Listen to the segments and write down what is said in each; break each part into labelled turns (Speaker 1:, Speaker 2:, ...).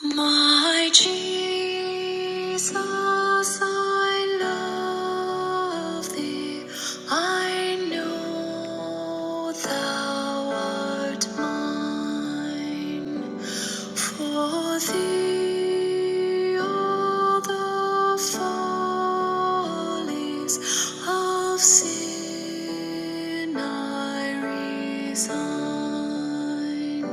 Speaker 1: My Jesus, I love thee. I know thou art mine. For thee all the follies of sin I resign.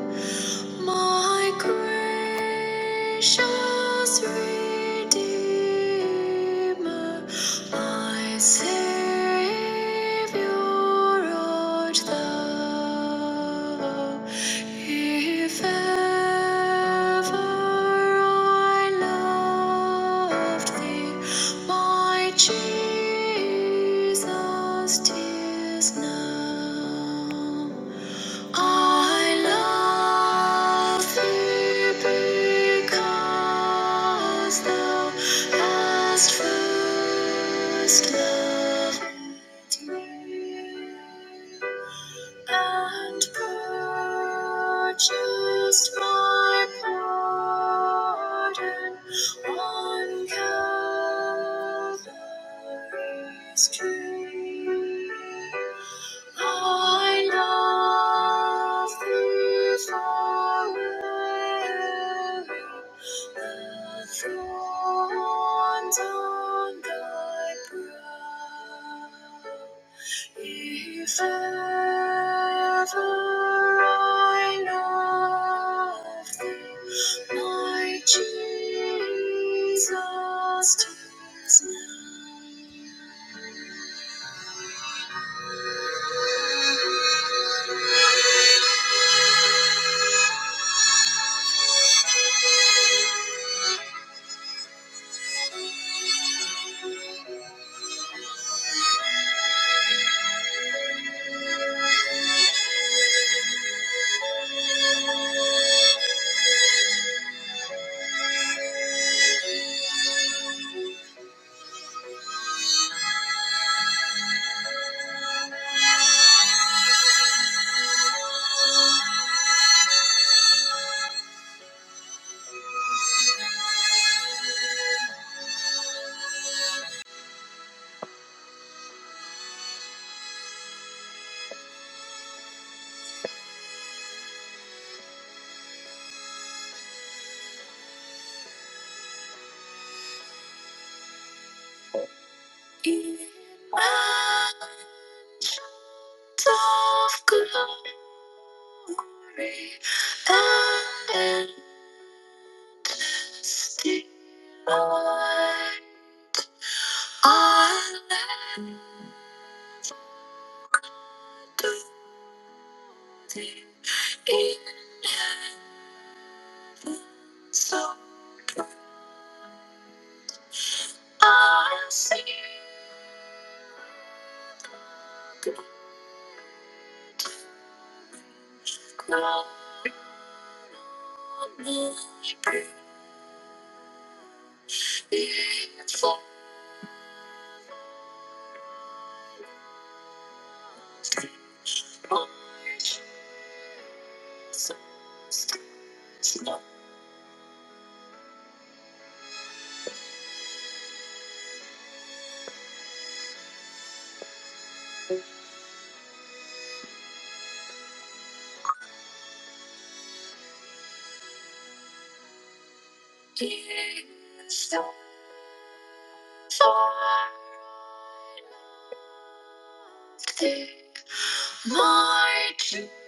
Speaker 1: My grace Precious Redeemer, my Savior, art thou. If ever I loved thee, my Jesus, 'tis now. I love thee because thou hast first loved me and purchased my pardon on Calvary's tree. I love thee forever, the thorn on thy brow. If ever I love thee, my Jesus, 'tis now. Thank you. In Mount of glory and endless delight, I let the winds of my single beautiful Lord Jesus, there's no equal for thee, Lord Jesus.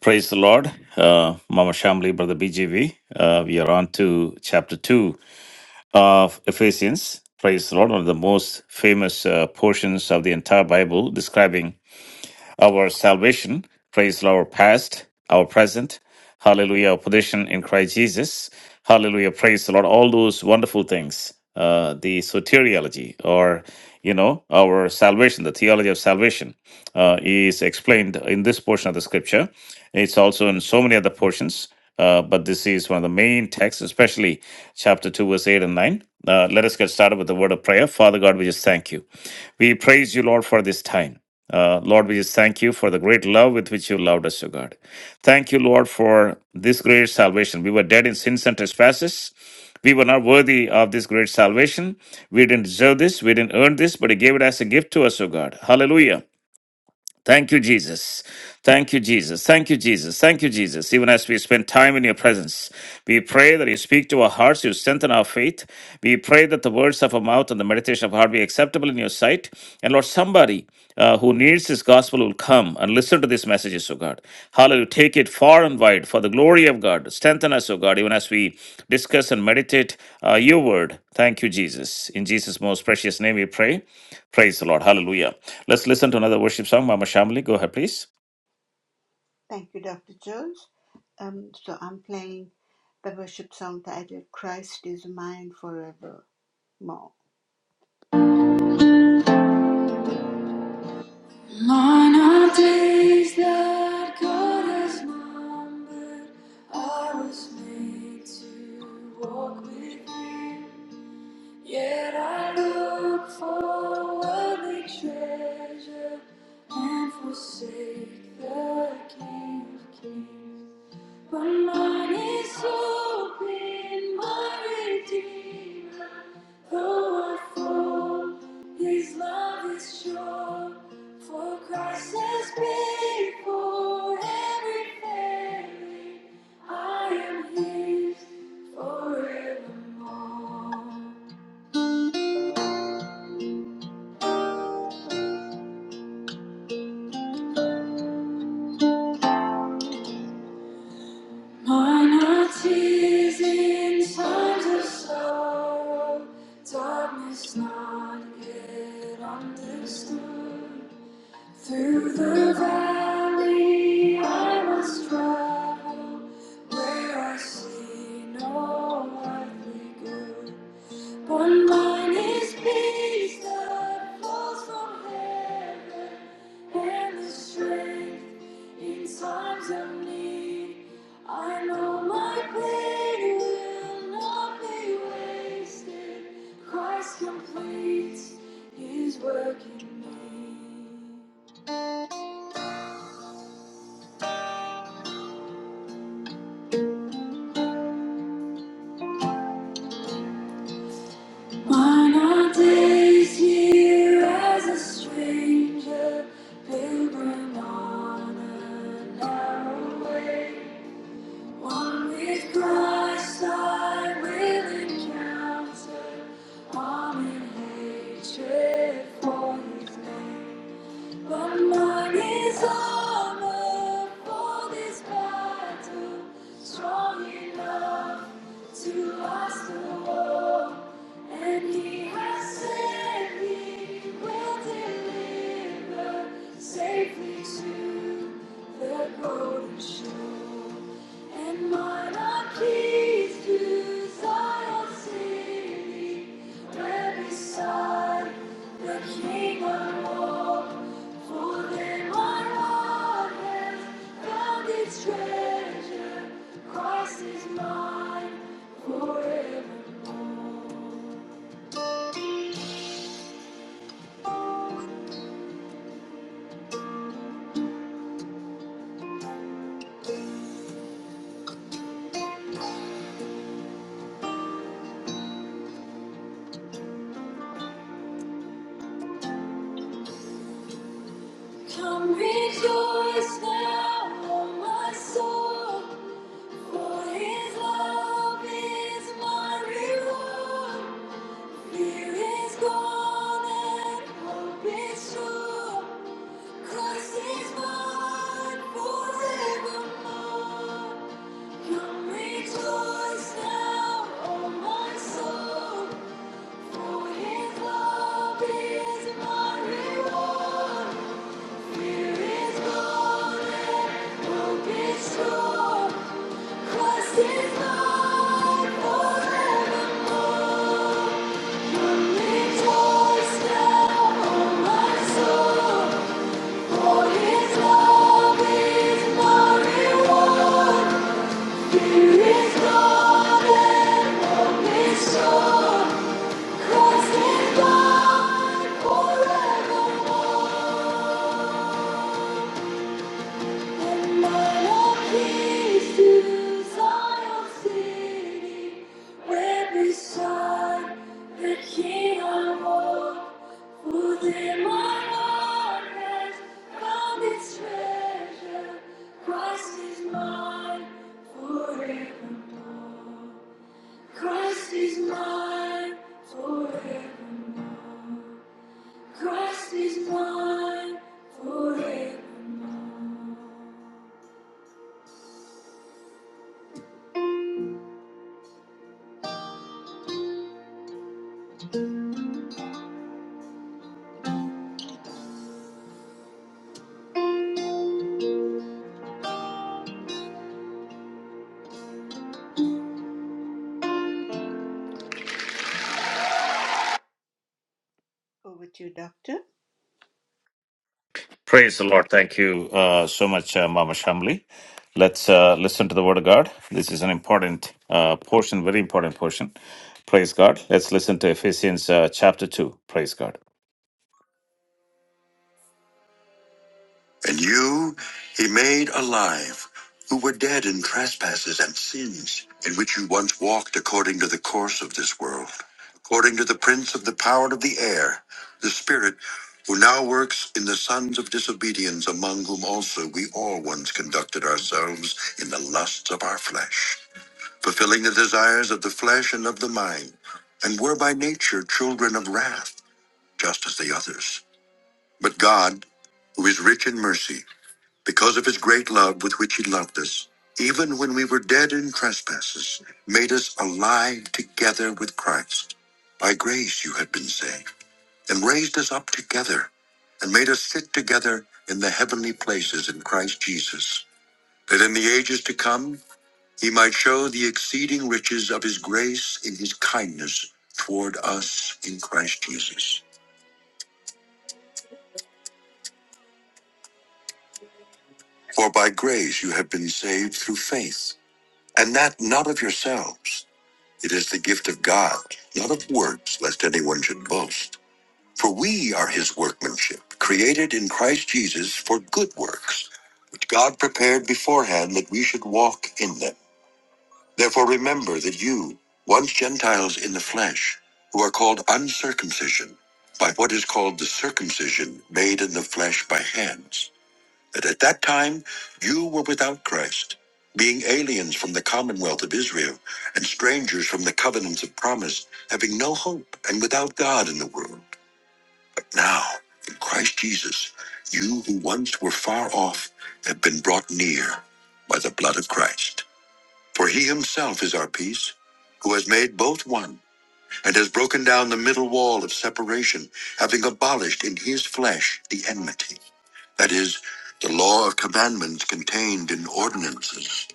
Speaker 1: Praise the Lord, uh, Mama Shamli, Brother BGV. Uh, we are on to chapter 2 of Ephesians. Praise the Lord, one of the most famous uh, portions of the entire Bible describing our salvation. Praise the Lord, past, our present. Hallelujah, our position in Christ Jesus. Hallelujah, praise the Lord. All those wonderful things, uh, the soteriology or, you know, our salvation, the theology of salvation uh, is explained in this portion of the scripture. It's also in so many other portions, uh, but this is one of the main texts, especially chapter 2, verse 8 and 9. Uh, let us get started with the word of prayer. Father God, we just thank you. We praise you, Lord, for this time. Uh, Lord, we just thank you for the great love with which you loved us, O God. Thank you, Lord, for this great salvation. We were dead in sins and trespasses. We were not worthy of this great salvation. We didn't deserve this. We didn't earn this, but you gave it as a gift to us, O God. Hallelujah. Thank you, Jesus. Thank you, Jesus. Thank you, Jesus. Thank you, Jesus. Even as we spend time in your presence, we pray that you speak to our hearts, you strengthen our faith. We pray that the words of our mouth and the meditation of our heart be acceptable in your sight. And Lord, somebody uh, who needs this gospel will come and listen to these messages, O God. Hallelujah. Take it far and wide for the glory of God. Strengthen us, O God, even as we discuss and meditate uh, your word. Thank you, Jesus. In Jesus' most precious name we pray. Praise the Lord. Hallelujah. Let's listen to another worship song. Mama Shamli, go ahead, please.
Speaker 2: Thank you, Dr. Jones. Um, so I'm playing the worship song titled Christ is Mine Forevermore. On our days that God has numbered, I was made to walk with Him. Yet I look for worldly treasure and forsake the King of Kings. But mine is hope in my Redeemer. Though I fall, His love is sure. For Christ has paid for every everything. I am His forevermore. Mine heart is in times of sorrow, darkness not yet understood. Through the valley I must travel, where I see no earthly good. One mine is peace that falls from heaven, and the strength in times of need. I know my pain will not be wasted. Christ completes His work in me. Mine are days here as a stranger, pilgrim on a narrow way. One with Christ I will encounter harm and hatred for his name. But mine is armor for this battle, strong enough to last the war. And he has said he will deliver safely to the golden shore. And monarchies to Zion's city, where beside the King of all, for them our heart has found its treasure. Christ is mine forevermore. Come rejoice now, O my soul, for his love is my reward. Fear is gone and hope is true. Christ is forevermore. Come rejoice now, O my soul, for His love is my reward. Fear is gone and hope is true. Christ is mine forevermore. Christ is God forevermore. Christ is mine forevermore. Christ is mine forevermore. Christ is mine forevermore. Over to you, Doctor.
Speaker 1: Praise the Lord. Thank you uh, so much, uh, Mama Shamli. Let's uh, listen to the Word of God. This is an important uh, portion, very important portion. Praise God. Let's listen to Ephesians uh, chapter 2. Praise God. And you he made alive, who were dead in trespasses and sins, in which you once walked according to the course of this world, according to the prince of the power of the air, the spirit who now works in the sons of disobedience, among whom also we all once conducted ourselves in the lusts of our flesh, fulfilling the desires of the flesh and of the mind, and were by nature children of wrath, just as the others. But God, who is rich in mercy, because of his great love with which he loved us, even when we were dead in trespasses, made us alive together with Christ. By grace you have been saved, and raised us up together, and made us sit together in the heavenly places in Christ Jesus, that in the ages to come he might show the exceeding riches of his grace in his kindness toward us in Christ Jesus. For by grace you have been saved through faith, and that not of yourselves. It is the gift of God, not of works, lest anyone should boast. For we are his workmanship, created in Christ Jesus for good works, which God prepared beforehand that we should walk in them. Therefore remember that you, once Gentiles in the flesh, who are called uncircumcision, by what is called the circumcision made in the flesh by hands, that at that time you were without Christ, being aliens from the commonwealth of Israel and strangers from the covenants of promise, having no hope and without God in the world. But now, in Christ Jesus, you who once were far off have been brought near by the blood of Christ. For he himself is our peace, who has made both one and has broken down the middle wall of separation, having abolished in his flesh the enmity that is, the law of commandments contained in ordinances,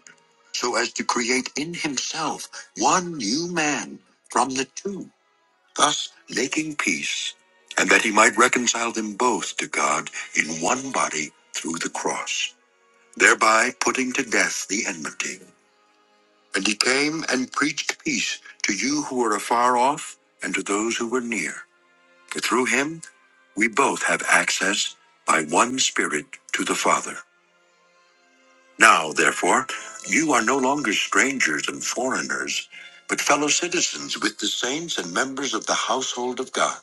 Speaker 1: so as to create in himself one new man from the two, thus making peace, and that he might reconcile them both to God in one body through the cross, thereby putting to death the enmity. And he came and preached peace to you who were afar off and to those who were near, for through him we both have access by one Spirit to the Father. Now, therefore, you are no longer strangers and foreigners, but fellow citizens with the saints and members of the household of God,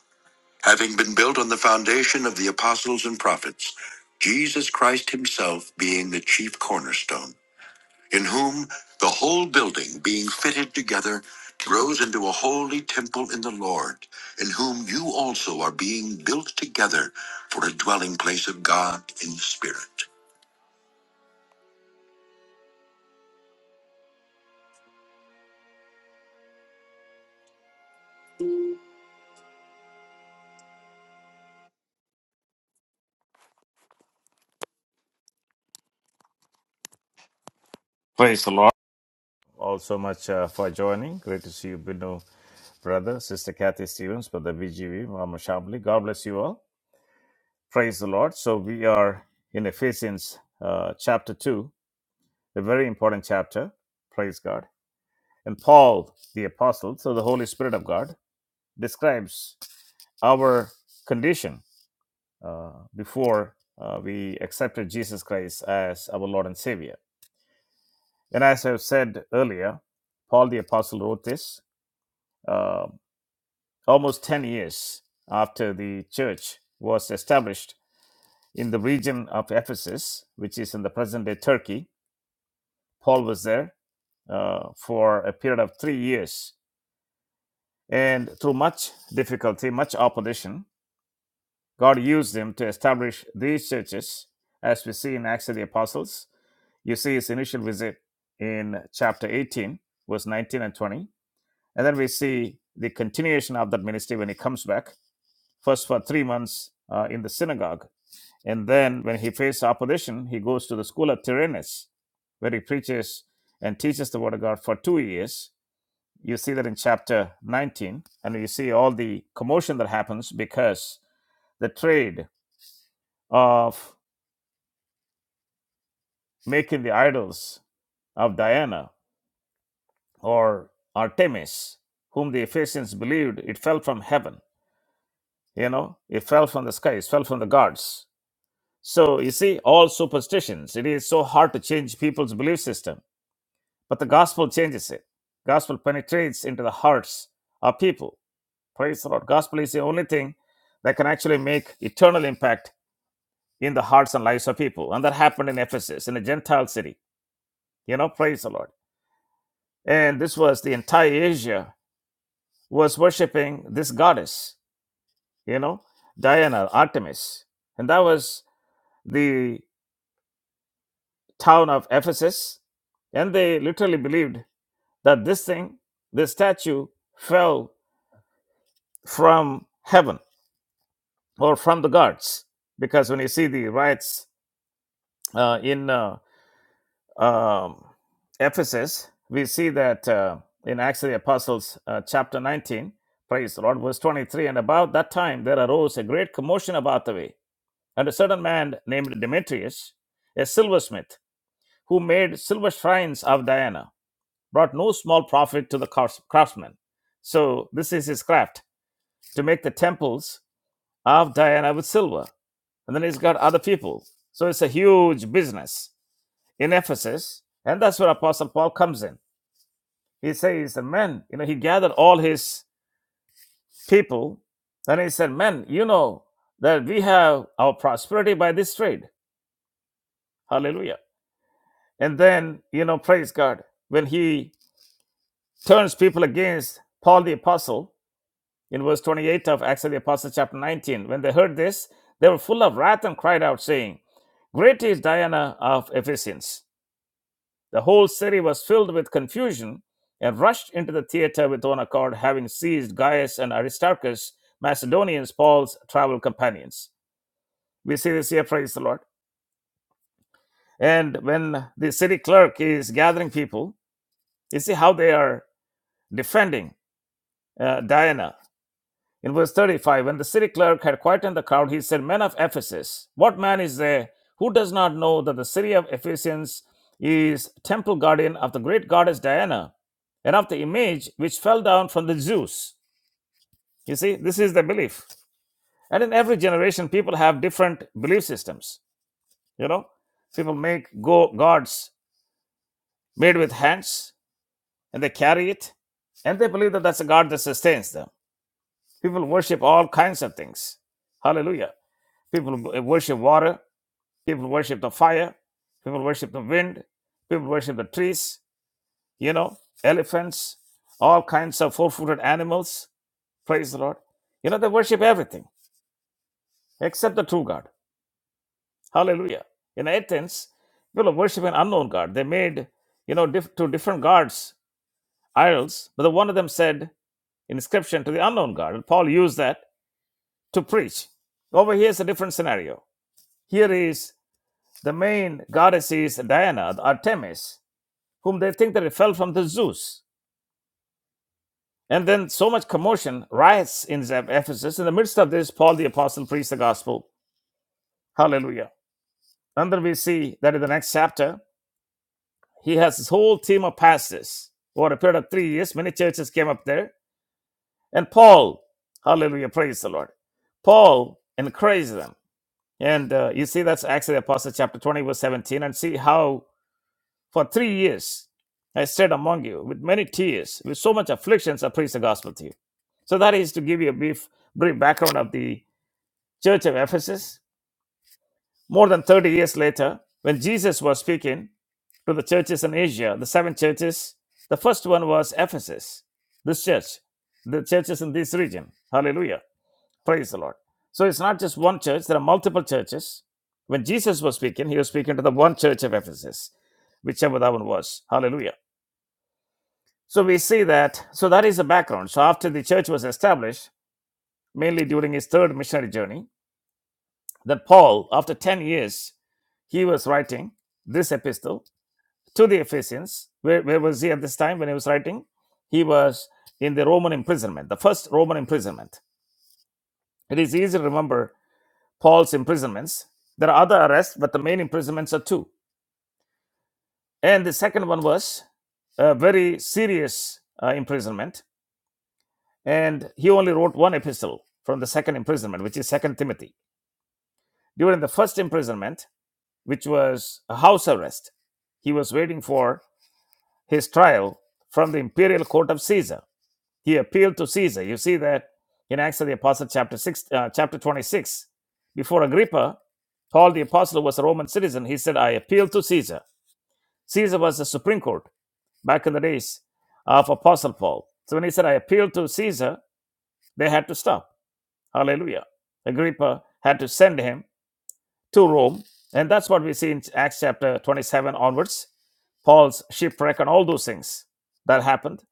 Speaker 1: having been built on the foundation of the apostles and prophets, Jesus Christ himself being the chief cornerstone, in whom the whole building being fitted together grows into a holy temple in the Lord, in whom you also are being built together for a dwelling place of God in the Spirit. Praise the Lord. all so much uh, for joining. Great to see you, Binu, brother, sister Kathy Stevens, brother BGV, Mama Shambly. God bless you all. Praise the Lord. So we are in Ephesians uh, chapter 2, a very important chapter. Praise God. And Paul, the apostle, through the Holy Spirit of God, describes our condition uh, before uh, we accepted Jesus Christ as our Lord and Savior. And as I've said earlier, Paul the apostle wrote this. uh, almost 10 years after the church was established in the region of Ephesus, which is in the present day Turkey. Paul was there uh, for a period of three years. And through much difficulty, much opposition, God used him to establish these churches, as we see in Acts of the Apostles. You see his initial visit in chapter 18, verse 19 and 20. And then we see the continuation of that ministry when he comes back, first for three months uh, in the synagogue And then when he faced opposition, he goes to the school of Tyrannus, where he preaches and teaches the word of God for two years. You see that in chapter 19, and you see all the commotion that happens because the trade of making the idols of Diana or Artemis, whom the Ephesians believed, it fell from heaven. You know, it fell from the sky, it fell from the gods. So you see, all superstitions, it is so hard to change people's belief system But the gospel changes it. Gospel penetrates into the hearts of people. Praise the Lord. Gospel is the only thing that can actually make eternal impact in the hearts and lives of people. And that happened in Ephesus, in a Gentile city. You know, praise the Lord. And this was the entire Asia was worshiping this goddess, you know, Diana, Artemis. And that was the town of Ephesus. And they literally believed that this thing, this statue, fell from heaven or from the guards. Because when you see the riots uh, in uh, um, Ephesus, we see that uh, in Acts of the Apostles, uh, chapter 19, praise the Lord, verse 23. And about that time there arose a great commotion about the way. And a certain man named Demetrius, a silversmith, who made silver shrines of Diana, brought no small profit to the craftsmen. So this is his craft to make the temples of Diana with silver and then he's got other people. So it's a huge business in Ephesus, and that's where Apostle Paul comes in. He says, "The men, you know, he gathered all his people, and he said, men, you know that we have our prosperity by this trade. Hallelujah!" And then, you know, praise God when he turns people against Paul the apostle in verse 28 of Acts of the Apostles, chapter 19. When they heard this, they were full of wrath and cried out, saying, "Great is Diana of Ephesians." The whole city was filled with confusion and rushed into the theater with one accord, having seized Gaius and Aristarchus, Macedonians, Paul's travel companions. We see this here, praise the Lord. And when the city clerk is gathering people, you see how they are defending uh, Diana In verse 35, when the city clerk had quietened the crowd, he said, Men of Ephesus, what man is there who does not know that the city of Ephesians is temple guardian of the great goddess Diana and of the image which fell down from the Zeus? You see, this is the belief. And in every generation, people have different belief systems. You know, people make go- gods made with hands and they carry it and they believe that that's a god that sustains them. People worship all kinds of things. Hallelujah. People worship water. People worship the fire. People worship the wind. People worship the trees, you know, elephants, all kinds of four footed animals. Praise the Lord. You know, they worship everything except the true God. Hallelujah. In Athens, people worship an unknown God. They made, you know, diff- to different gods idols, but the one of them said inscription to the unknown God. And Paul used that to preach. Over here is a different scenario. Here is The main goddess is Diana, Artemis, whom they think that it fell from the Zeus. And then so much commotion, riots in Ephesus. In the midst of this, Paul the apostle preached the gospel. Hallelujah. And then we see that in the next chapter, he has his whole team of pastors. Over a period of three years, many churches came up there. And Paul, hallelujah, praise the Lord. Paul encouraged them. And uh, you see, that's Acts of the Apostle, chapter 20, verse 17, and see how For three years I stayed among you with many tears, with so much afflictions I preached the gospel to you. So that is to give you a brief, brief background of the church of Ephesus. More than 30 years later, when Jesus was speaking to the churches in Asia, the seven churches, the first one was Ephesus, this church, the churches in this region. Hallelujah. Praise the Lord. So it's not just one church, there are multiple churches. When Jesus was speaking, he was speaking to the one church of Ephesus, whichever that one was. Hallelujah. So we see that, so that is the background. So after the church was established, mainly during his third missionary journey, that Paul, after 10 years, he was writing this epistle to the Ephesians. Where, where was he at this time when he was writing? He was in the Roman imprisonment, the first Roman imprisonment. It is easy to remember Paul's imprisonments. There are other arrests, but the main imprisonments are two. And the second one was a very serious uh, imprisonment and he only wrote one epistle from the second imprisonment which is second timothy during the first imprisonment which was a house arrest he was waiting for his trial from the imperial court of caesar he appealed to caesar you see that in acts of the apostle chapter 6 uh, chapter 26 before agrippa paul the apostle was a roman citizen he said i appeal to caesar caesar was the supreme court back in the days of apostle paul so when he said i appeal to caesar they had to stop Hallelujah. Agrippa had to send him to Rome. And that's what we see in Acts chapter 27 onwards Paul's shipwreck and all those things that happened.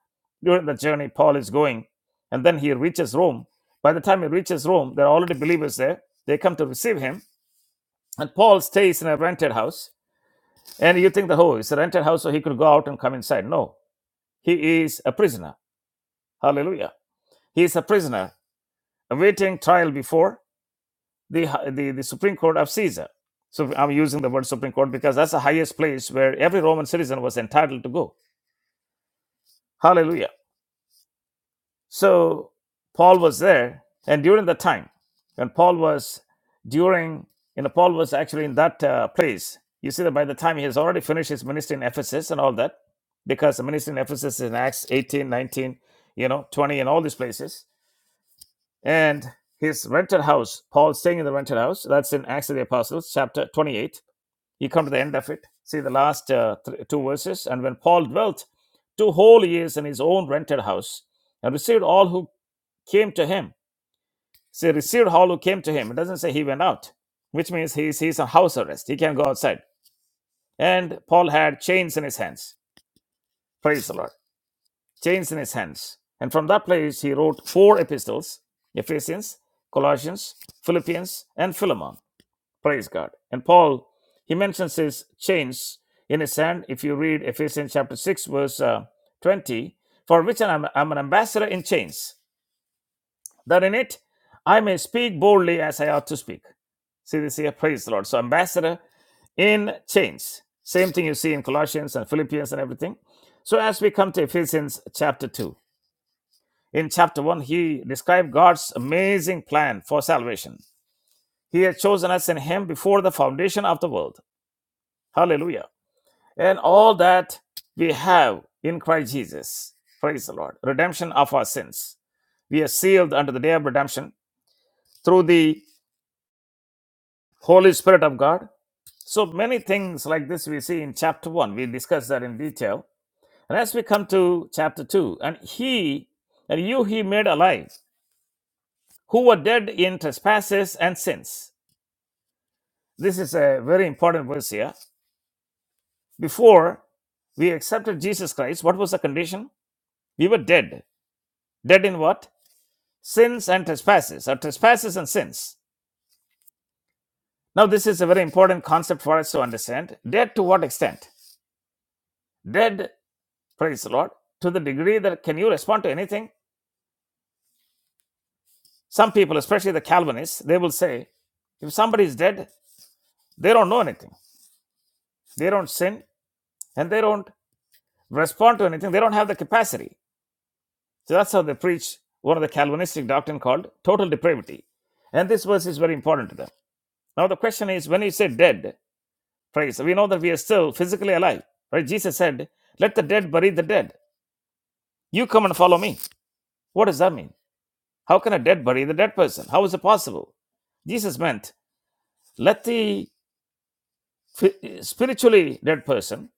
Speaker 1: During the journey, Paul is going, and then he reaches Rome. By the time he reaches Rome, there are already believers there. They come to receive him, and Paul stays in a rented house. And you think that, oh, it's a rented house, so he could go out and come inside. No, he is a prisoner. Hallelujah. He is a prisoner awaiting trial before. the, the, the Supreme Court of Caesar. So I'm using the word Supreme Court because that's the highest place where every Roman citizen was entitled to go. Hallelujah. So Paul was there, and during the time, and Paul was during, you know, Paul was actually in that uh, place. You see that by the time he has already finished his ministry in Ephesus and all that, because the ministry in Ephesus is in Acts 18, 19, you know, 20, and all these places. And his rented house, Paul staying in the rented house, that's in Acts of the Apostles, chapter 28 you come to the end of it see the last uh, th- two verses and when paul dwelt two whole years in his own rented house and received all who came to him see received all who came to him it doesn't say he went out which means he's he's on house arrest he can't go outside and paul had chains in his hands praise the lord chains in his hands and from that place he wrote four epistles ephesians colossians philippians and philemon Praise God. And Paul, he mentions his chains in his hand. If you read Ephesians chapter 6, verse uh, 20, for which I'm, I'm an ambassador in chains, that in it I may speak boldly as I ought to speak. See this here? Praise the Lord. So, ambassador in chains. Same thing you see in Colossians and Philippians and everything. So, as we come to Ephesians chapter 2, in chapter 1, he described God's amazing plan for salvation. He had chosen us in Him before the foundation of the world. Hallelujah. and all that we have in Christ Jesus. Praise the Lord. Redemption of our sins. We are sealed unto the day of redemption through the Holy Spirit of God. So many things like this we see in chapter 1. We discuss that in detail. And as we come to chapter 2, and he and you he made alive, who were dead in trespasses and sins. This is a very important verse here. Before we accepted Jesus Christ, what was the condition? We were dead. Dead in what? sins and trespasses, or trespasses and sins. Now, this is a very important concept for us to understand. Dead to what extent? Dead, praise the Lord, to the degree that can you respond to anything? Some people, especially the Calvinists, they will say, if somebody is dead, they don't know anything. They don't sin and they don't respond to anything. They don't have the capacity. So that's how they preach one of the Calvinistic doctrine called total depravity. And this verse is very important to them. Now the question is when you say dead, Praise. We know that we are still physically alive. Right? Jesus said, Let the dead bury the dead. You come and follow me. What does that mean? How can a dead bury the dead person? How is it possible? Jesus meant, Let the spiritually dead person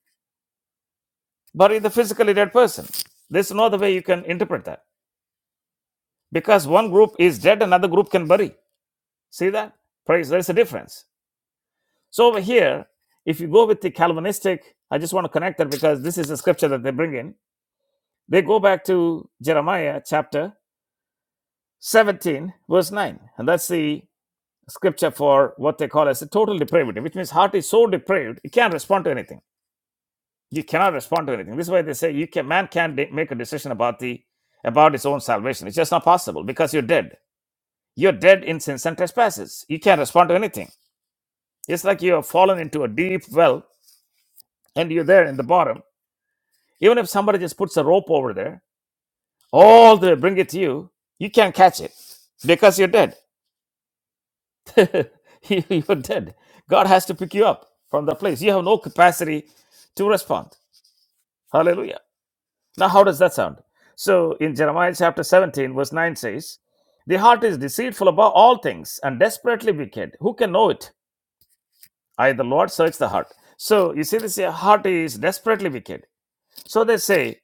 Speaker 1: bury the physically dead person. There's no other way you can interpret that. Because one group is dead, another group can bury. See that? Praise. There's a difference. So over here, if you go with the Calvinistic, I just want to connect that because this is a scripture that they bring in They go back to Jeremiah chapter 17, verse 9. And that's the scripture for what they call as a total depravity, which means heart is so depraved, it can't respond to anything. You cannot respond to anything. This is why they say you can man can't de- make a decision about the about his own salvation. It's just not possible because you're dead. You're dead in sins and trespasses. You can't respond to anything. It's like you have fallen into a deep well and you're there in the bottom. Even if somebody just puts a rope over there, all they bring it to you, you can't catch it because you're dead. you, you're dead. God has to pick you up from the place. You have no capacity to respond. Hallelujah. Now, how does that sound? So, in Jeremiah chapter 17, verse 9 says, The heart is deceitful above all things and desperately wicked. Who can know it? I, the Lord, search the heart. So, you see, this here, heart is desperately wicked. So, they say,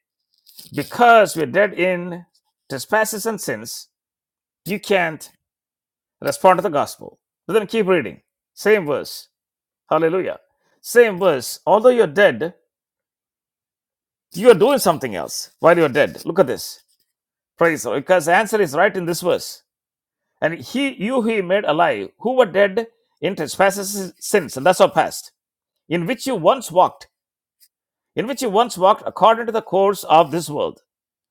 Speaker 1: Because we're dead in trespasses and sins, you can't respond to the gospel. But then keep reading. Same verse. Hallelujah. Same verse. Although you're dead, you are doing something else while you're dead. Look at this. Praise the Lord. Because the answer is right in this verse. And he, you he made alive, who were dead in trespasses sins, and that's our past, in which you once walked, in which you once walked according to the course of this world.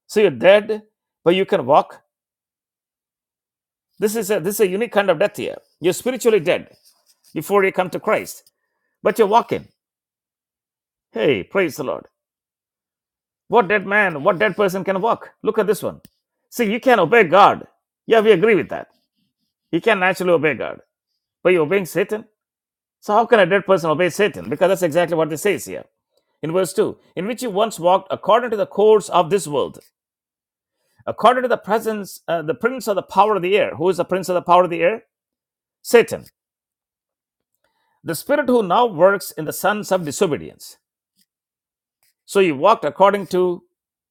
Speaker 1: So you're dead, but you can walk. This is a this is a unique kind of death here. You're spiritually dead before you come to Christ, but you're walking. Hey, praise the Lord. What dead man, what dead person can walk? Look at this one. See, you can obey God. Yeah, we agree with that. You can naturally obey God. But you're obeying Satan? So how can a dead person obey Satan? Because that's exactly what it says here. In verse 2, in which you once walked according to the course of this world, according to the presence, uh, the prince of the power of the air. Who is the prince of the power of the air? Satan. The spirit who now works in the sons of disobedience. So you walked according to,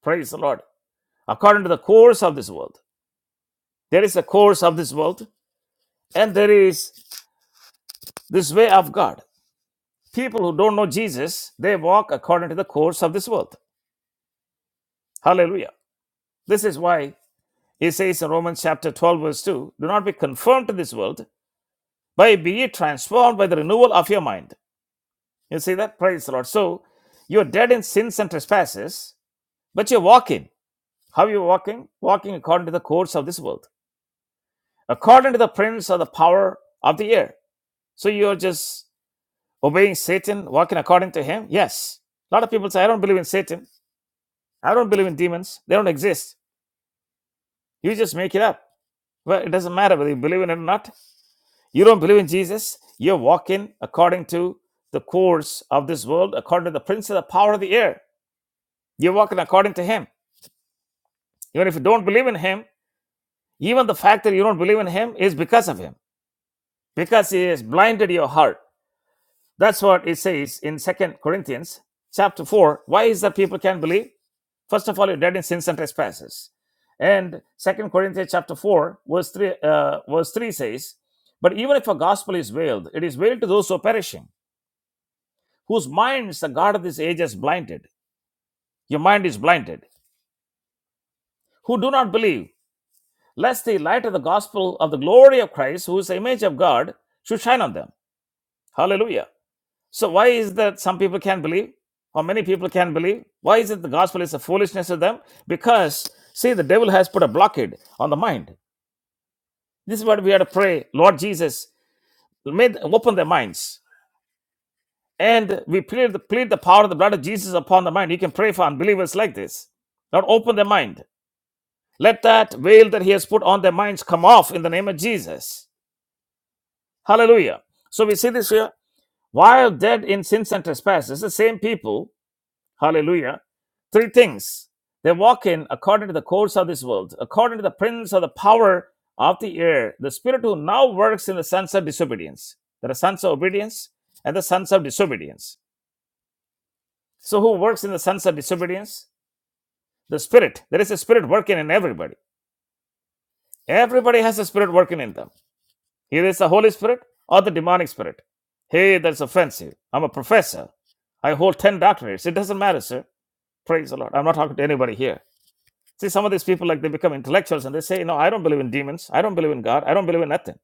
Speaker 1: praise the Lord, according to the course of this world. There is a course of this world And there is this way of God. People who don't know Jesus, they walk according to the course of this world. Hallelujah. This is why he says in Romans chapter 12, verse 2 do not be conformed to this world, but be ye transformed by the renewal of your mind. You see that? Praise the Lord. So you're dead in sins and trespasses, but you're walking. How are you walking? Walking according to the course of this world, according to the prince of the power of the air. So you're just Obeying Satan, walking according to him? Yes. A lot of people say, I don't believe in Satan. I don't believe in demons. They don't exist. You just make it up. Well, it doesn't matter whether you believe in it or not. You don't believe in Jesus. You're walking according to the course of this world, according to the prince of the power of the air. You're walking according to him. Even if you don't believe in him, even the fact that you don't believe in him is because of him, because he has blinded your heart. That's what it says in Second Corinthians chapter 4. Why is that people can't believe? First of all, you're dead in sins and trespasses. And Second Corinthians chapter 4, verse 3, uh, verse 3 says, But even if a gospel is veiled, it is veiled to those who are perishing, whose minds the God of this age has blinded. Your mind is blinded. Who do not believe, lest the light of the gospel of the glory of Christ, who is the image of God, should shine on them. Hallelujah. So why is it that some people can't believe? Or many people can't believe? Why is it the gospel is a foolishness to them? Because, see, the devil has put a blockade on the mind. This is what we are to pray. Lord Jesus, may open their minds. And we plead the, plead the power of the blood of Jesus upon the mind. You can pray for unbelievers like this. Lord, open their mind. Let that veil that He has put on their minds come off in the name of Jesus. Hallelujah. So we see this here. While dead in sins and trespasses, the same people Hallelujah. Three things. They walk in according to the course of this world, according to the prince of the power of the air, the spirit who now works in the sons of disobedience. There are sons of obedience and the sons of disobedience. So, who works in the sons of disobedience? The spirit. There is a spirit working in everybody. Everybody has a spirit working in them. Either it's the Holy Spirit or the demonic spirit. Hey, that's offensive. I'm a professor. I hold 10 doctorates. It doesn't matter, sir. Praise the Lord. I'm not talking to anybody here. See, some of these people, like they become intellectuals and they say, No, I don't believe in demons. I don't believe in God. I don't believe in nothing.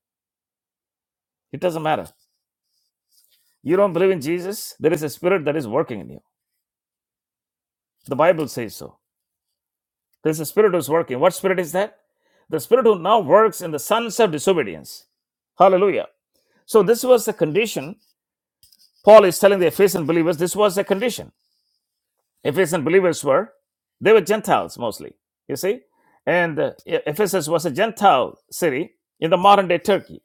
Speaker 1: It doesn't matter. You don't believe in Jesus. There is a spirit that is working in you. The Bible says so. There's a spirit who's working. What spirit is that? The spirit who now works in the sons of disobedience. Hallelujah. So, this was the condition. Paul is telling the Ephesian believers this was the condition. Ephesian believers were, they were Gentiles mostly, you see. And uh, Ephesus was a Gentile city in the modern day Turkey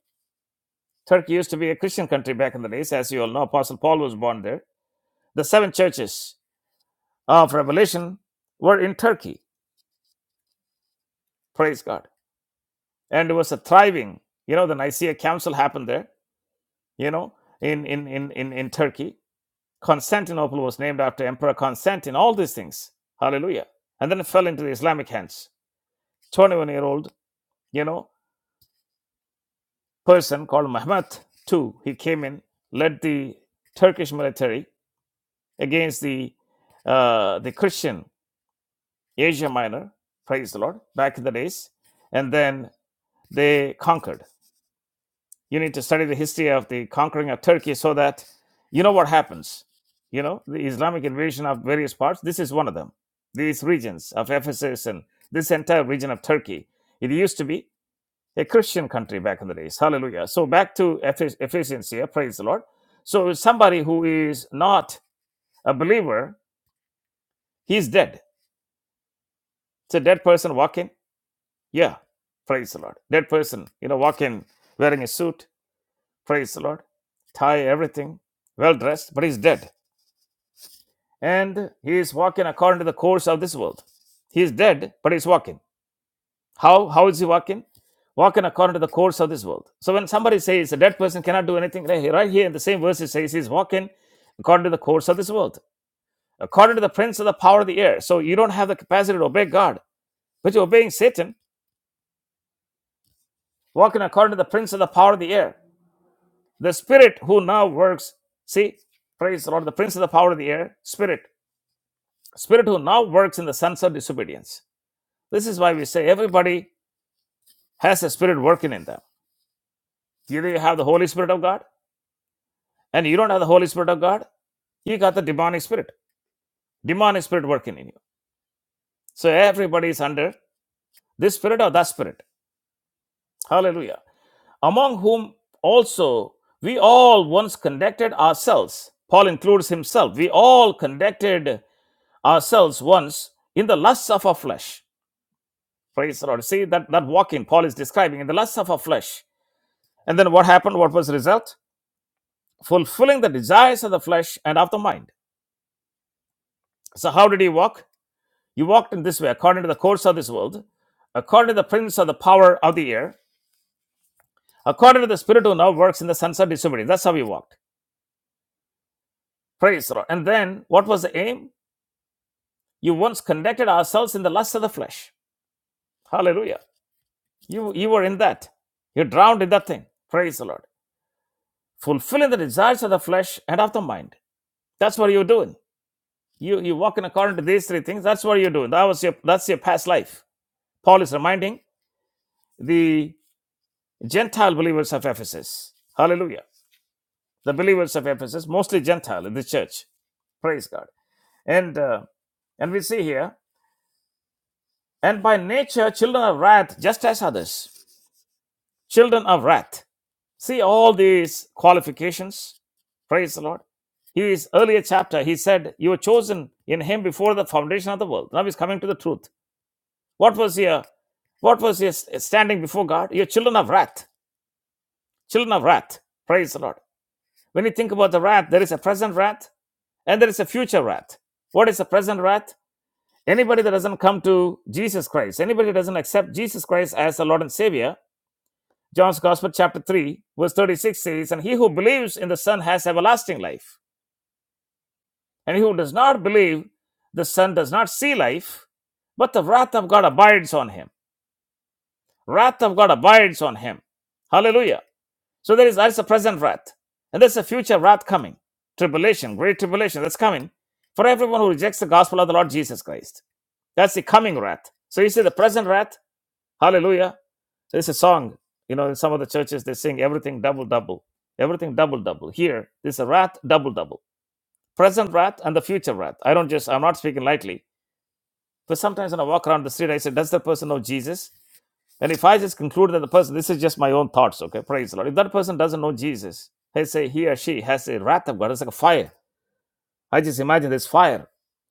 Speaker 1: Turkey used to be a Christian country back in the days, as you all know. Apostle Paul was born there. The seven churches of Revelation were in Turkey. Praise God. And it was a thriving, you know, the Nicaea Council happened there, you know, in, in, in, in, in Turkey. Constantinople was named after Emperor Constantine, all these things. Hallelujah. And then it fell into the Islamic hands. 21 year old, you know, person called Mehmet II, he came in, led the Turkish military against the uh, the Christian Asia Minor, praise the Lord, back in the days. And then they conquered. You need to study the history of the conquering of Turkey so that you know what happens. You know, the Islamic invasion of various parts, this is one of them. These regions of Ephesus and this entire region of Turkey. It used to be a Christian country back in the days. Hallelujah. So back to Ephes- Ephesians here, praise the Lord. So somebody who is not a believer, he's dead. It's a dead person walking Yeah, praise the Lord. That person, you know, walk in wearing a suit, praise the Lord, tie, everything, well dressed, but he's dead. And he is walking according to the course of this world. He is dead, but he's walking. How? How is he walking? Walking according to the course of this world. So when somebody says a dead person cannot do anything, right here right here in the same verse it says he's walking according to the course of this world, according to the prince of the power of the air. So you don't have the capacity to obey God, but you're obeying Satan, walking according to the prince of the power of the air. The spirit who now works, see, praise the Lord, the prince of the power of the air, spirit, spirit who now works in the sons of disobedience. This is why we say everybody has a spirit working in them. Either you have the Holy Spirit of God, and you don't have the Holy Spirit of God, you got the demonic spirit, demonic spirit working in you. So everybody is under this spirit or that spirit. Hallelujah. Among whom also we all once conducted ourselves. Paul includes himself. We all conducted ourselves once in the lusts of our flesh. Praise the Lord. See that, that walking Paul is describing in the lusts of our flesh. And then what happened? What was the result? Fulfilling the desires of the flesh and of the mind. So how did he walk? He walked in this way, according to the course of this world, according to the prince of the power of the air, according to the spirit who now works in the sons of disobedience. That's how he walked. Praise the Lord. And then what was the aim? You once conducted ourselves in the lusts of the flesh. Hallelujah. You you were in that. You drowned in that thing. Praise the Lord. fulfilling the desires of the flesh and of the mind. That's what you're doing. You you walking according to these three things. That's what you're doing. That was your that's your past life. Paul is reminding the Gentile believers of Ephesus. Hallelujah. The believers of Ephesus, mostly Gentile in the church. Praise God. And uh, and we see here, and by nature children of wrath, just as others, children of wrath See all these qualifications. Praise the Lord. His earlier chapter, he said, You were chosen in him before the foundation of the world. Now he's coming to the truth. What was your what was your standing before God? You're children of wrath. Children of wrath. Praise the Lord. When you think about the wrath, there is a present wrath and there is a future wrath. What is the present wrath? Anybody that doesn't come to Jesus Christ, anybody that doesn't accept Jesus Christ as the Lord and Savior, John's Gospel, chapter 3, verse 36 says, And he who believes in the Son has everlasting life. And he who does not believe the Son does not see life, but the wrath of God abides on him. Wrath of God abides on him. Hallelujah. So there is that's a present wrath. And there's a future wrath coming. Tribulation, great tribulation that's coming for everyone who rejects the gospel of the Lord Jesus Christ. That's the coming wrath. So you see the present wrath, Hallelujah. So it's a song. You know, in some of the churches, they sing everything double, double. Everything double, double. Here, this is a wrath, double, double. Present wrath and the future wrath. I don't just, I'm not speaking lightly. But sometimes when I walk around the street, I say, Does that person know Jesus? And if I just conclude that the person, this is just my own thoughts, okay? Praise the Lord. If that person doesn't know Jesus, I say he or she has a wrath of God. It's like a fire. I just imagine this fire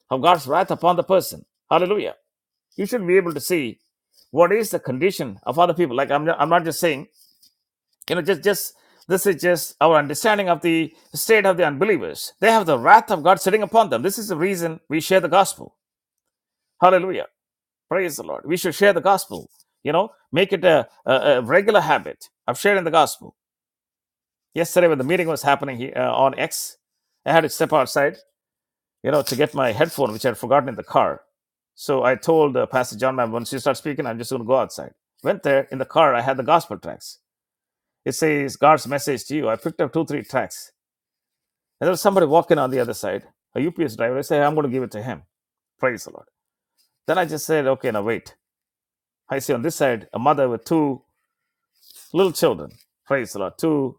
Speaker 1: of God's wrath upon the person. Hallelujah. You should be able to see what is the condition of other people. Like I'm, I'm not just saying You know, just just this is just our understanding of the state of the unbelievers. They have the wrath of God sitting upon them. This is the reason we share the gospel. Hallelujah. Praise the Lord. We should share the gospel. You know, make it a, a, a regular habit of sharing the gospel. Yesterday, when the meeting was happening here, uh, on X, I had to step outside, you know, to get my headphone, which I had forgotten in the car. So I told uh, Pastor John, "Ma'am, once you start speaking, I'm just going to go outside. Went there in the car, I had the gospel tracks. It says God's message to you. I picked up two, three tracks And there was somebody walking on the other side, a UPS driver. I say, hey, I'm going to give it to him. Praise the Lord. Then I just said, okay, now wait. I see on this side a mother with two little children. Praise the Lord. Two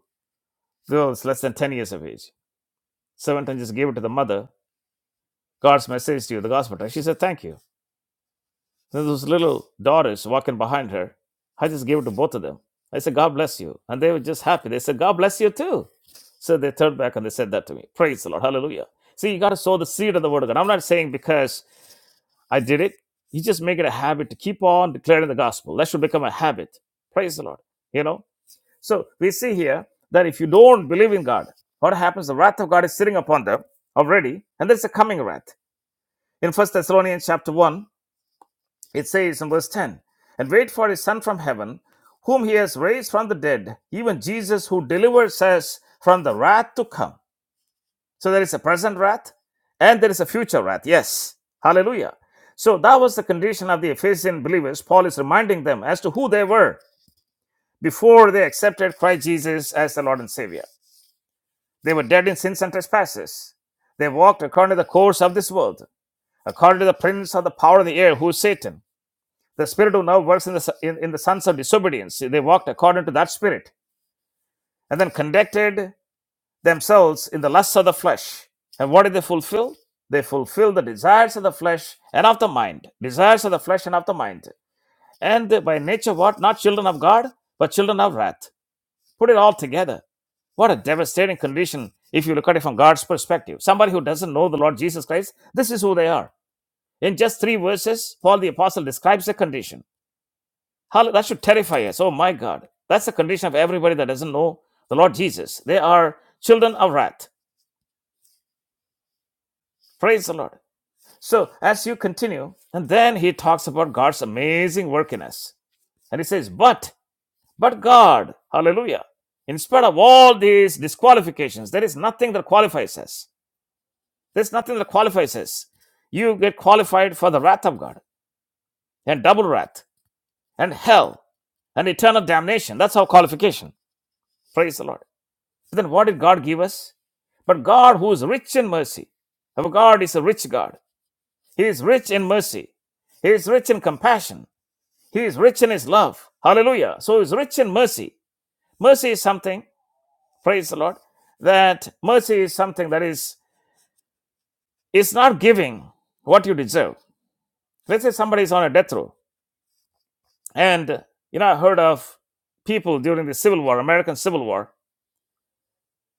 Speaker 1: girls less than 10 years of age. Servant and just gave it to the mother. God's message to you, the gospel. text. She said, thank you. Then those little daughters walking behind her. I just gave it to both of them. I said, God bless you. And they were just happy. They said, God bless you too. So they turned back and they said that to me. Praise the Lord. Hallelujah. See, you got to sow the seed of the word of God. I'm not saying because I did it. You just make it a habit to keep on declaring the gospel. That should become a habit. Praise the Lord. You know? So we see here that if you don't believe in God, what happens? The wrath of God is sitting upon them already, and there's a coming wrath. In First Thessalonians chapter 1, it says in verse 10, and wait for his son from heaven, whom he has raised from the dead, even Jesus who delivers us from the wrath to come so there is a present wrath and there is a future wrath. Yes. Hallelujah. So that was the condition of the Ephesian believers. Paul is reminding them as to who they were before they accepted Christ Jesus as the Lord and Savior. They were dead in sins and trespasses. They walked according to the course of this world, according to the prince of the power of the air, who is Satan, the spirit who now works in the, in, in the sons of disobedience. They walked according to that spirit and then conducted themselves in the lusts of the flesh. And what did they fulfill? They fulfill the desires of the flesh and of the mind. Desires of the flesh and of the mind. And they by nature, what? Not children of God, but children of wrath. Put it all together. What a devastating condition if you look at it from God's perspective. Somebody who doesn't know the Lord Jesus Christ, this is who they are. In just three verses, Paul the Apostle describes the condition. How, that should terrify us. Oh my God. That's the condition of everybody that doesn't know the Lord Jesus. They are children of wrath. Praise the Lord. So as you continue, and then he talks about God's amazing work in us. And he says, But, but God, hallelujah, in spite of all these disqualifications, there is nothing that qualifies us. There's nothing that qualifies us. You get qualified for the wrath of God and double wrath and hell and eternal damnation. That's our qualification. Praise the Lord. But then what did God give us? But God, who is rich in mercy, our God is a rich God. He is rich in mercy. He is rich in compassion. He is rich in his love. Hallelujah. So he's rich in mercy. Mercy is something, praise the Lord, that mercy is something that is it's not giving what you deserve. Let's say somebody is on a death row. And you know, I heard of people during the Civil War, American Civil War,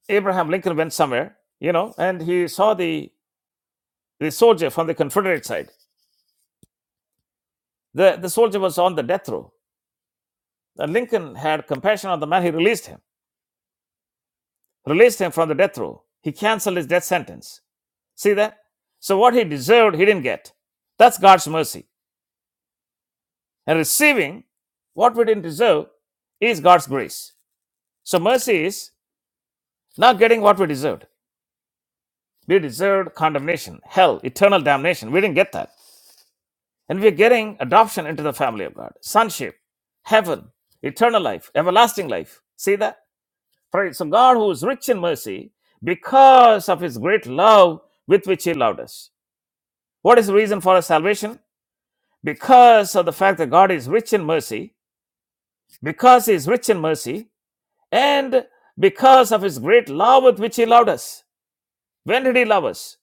Speaker 1: Abraham Lincoln went somewhere, you know, and he saw the the soldier from the Confederate side. The the soldier was on the death row. And Lincoln had compassion on the man, he released him. released him from the death row. He canceled his death sentence. See that? So what he deserved, he didn't get. That's God's mercy. And receiving what we didn't deserve is God's grace. So mercy is not getting what we deserved. We deserved condemnation, hell, eternal damnation. We didn't get that. And we're getting adoption into the family of God, sonship, heaven, eternal life, everlasting life. See that? Praise. So God, who is rich in mercy, because of his great love with which he loved us. What is the reason for our salvation? Because of the fact that God is rich in mercy, because He is rich in mercy, and because of His great love with which He loved us. When did He love us?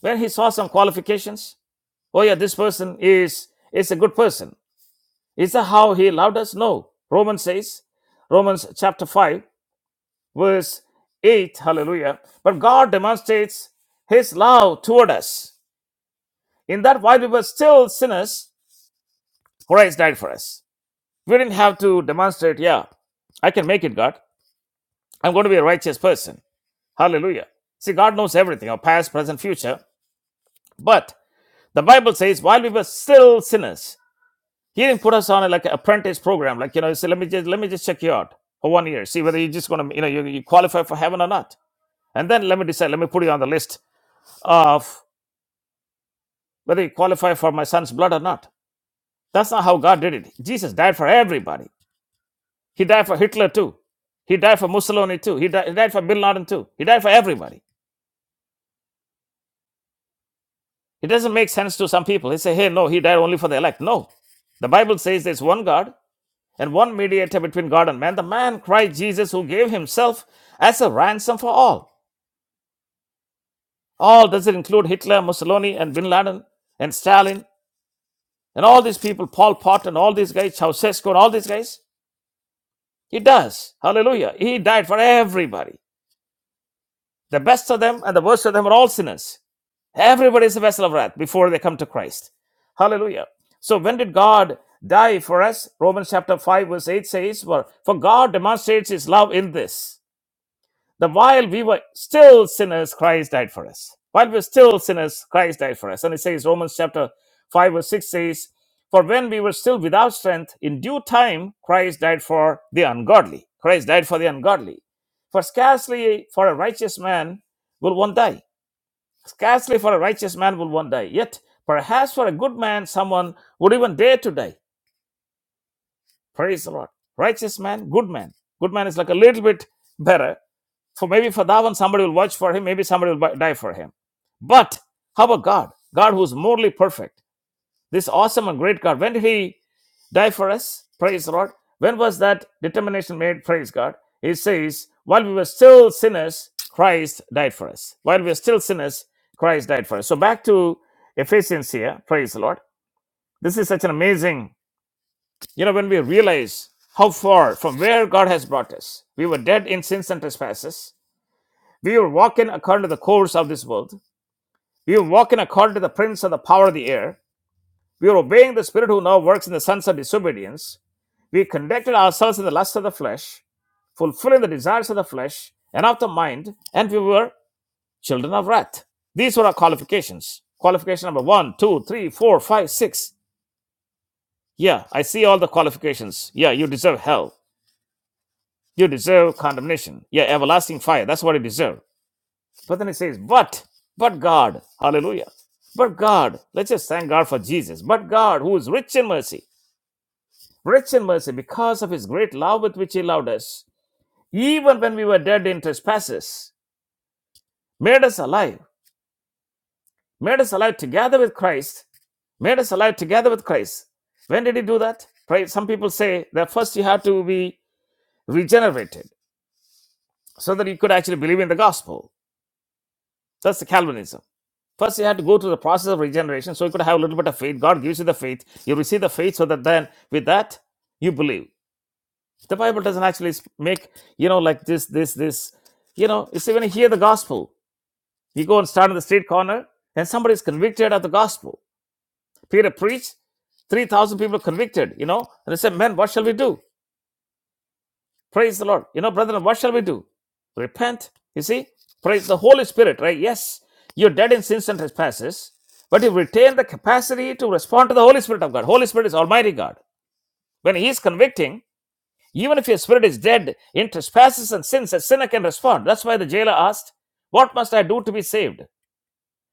Speaker 1: When He saw some qualifications? Oh, yeah, this person is, is a good person. Is that how He loved us? No. Romans says, Romans chapter 5, verse 8, hallelujah. But God demonstrates His love toward us in that while we were still sinners, Christ died for us. We didn't have to demonstrate, yeah, I can make it, God. I'm going to be a righteous person. Hallelujah. See, God knows everything, our past, present, future. But the Bible says, while we were still sinners, He didn't put us on a, like an apprentice program. Like, you know, you say, let me just let me just check you out for one year, see whether you're just gonna, you know, you, you qualify for heaven or not. And then let me decide, let me put you on the list of whether you qualify for my son's blood or not. That's not how God did it. Jesus died for everybody. He died for Hitler too. He died for Mussolini too. He died, he died for Bin Laden too. He died for everybody. It doesn't make sense to some people. They say, hey, no, he died only for the elect. No. The Bible says there's one God and one mediator between God and man, the man Christ Jesus, who gave himself as a ransom for all. All does it include Hitler, Mussolini, and Bin Laden, and Stalin, and all these people, Paul Pot, and all these guys, Ceausescu, and all these guys? He does. Hallelujah. He died for everybody. The best of them and the worst of them are all sinners. Everybody is a vessel of wrath before they come to Christ. Hallelujah. So when did God die for us? Romans chapter 5, verse 8 says, For, for God demonstrates his love in this. The while we were still sinners, Christ died for us. While we were still sinners, Christ died for us. And it says, Romans chapter 5, verse 6 says, For when we were still without strength, in due time, Christ died for the ungodly. Christ died for the ungodly. For scarcely for a righteous man will one die Scarcely for a righteous man will one die. Yet, perhaps for a good man, someone would even dare to die. Praise the Lord. Righteous man, good man. Good man is like a little bit better. For maybe for that one, somebody will watch for him. Maybe somebody will bu- die for him. But how about God? God who's morally perfect. This awesome and great God. When did he? die for us. Praise the Lord. When was that determination made? Praise God. He says, while we were still sinners, Christ died for us. While we were still sinners, Christ died for us. So back to Ephesians here. Praise the Lord. This is such an amazing, you know, when we realize how far from where God has brought us. We were dead in sins and trespasses. We were walking according to the course of this world. We were walking according to the prince of the power of the air We were obeying the Spirit who now works in the sons of disobedience. We conducted ourselves in the lust of the flesh, fulfilling the desires of the flesh and of the mind, and we were children of wrath. These were our qualifications. Qualification number one, two, three, four, five, six. Yeah, I see all the qualifications. Yeah, you deserve hell. You deserve condemnation. Yeah, everlasting fire. That's what you deserve. But then it says, but, but God. Hallelujah. But God. Let's just thank God for Jesus. But God, who is rich in mercy. rich in mercy because of his great love with which he loved us, even when we were dead in trespasses, made us alive, made us alive together with Christ, made us alive together with Christ. When did he do that? Right? Some people say that first you have to be regenerated so that you could actually believe in the gospel. That's the Calvinism. First, you have to go through the process of regeneration so you could have a little bit of faith. God gives you the faith. You receive the faith so that then with that you believe. the bible doesn't actually make you know like this this this you know you see when you hear the gospel you go and stand on the street corner and somebody is convicted of the gospel peter preached 3000 people are convicted you know and they say "Man, what shall we do praise the lord you know brethren what shall we do repent you see praise the holy spirit right yes you're dead in sins and trespasses but you retain the capacity to respond to the holy spirit of god holy spirit is almighty god when he is convicting Even if your spirit is dead in trespasses and sins, a sinner can respond. That's why the jailer asked, What must I do to be saved?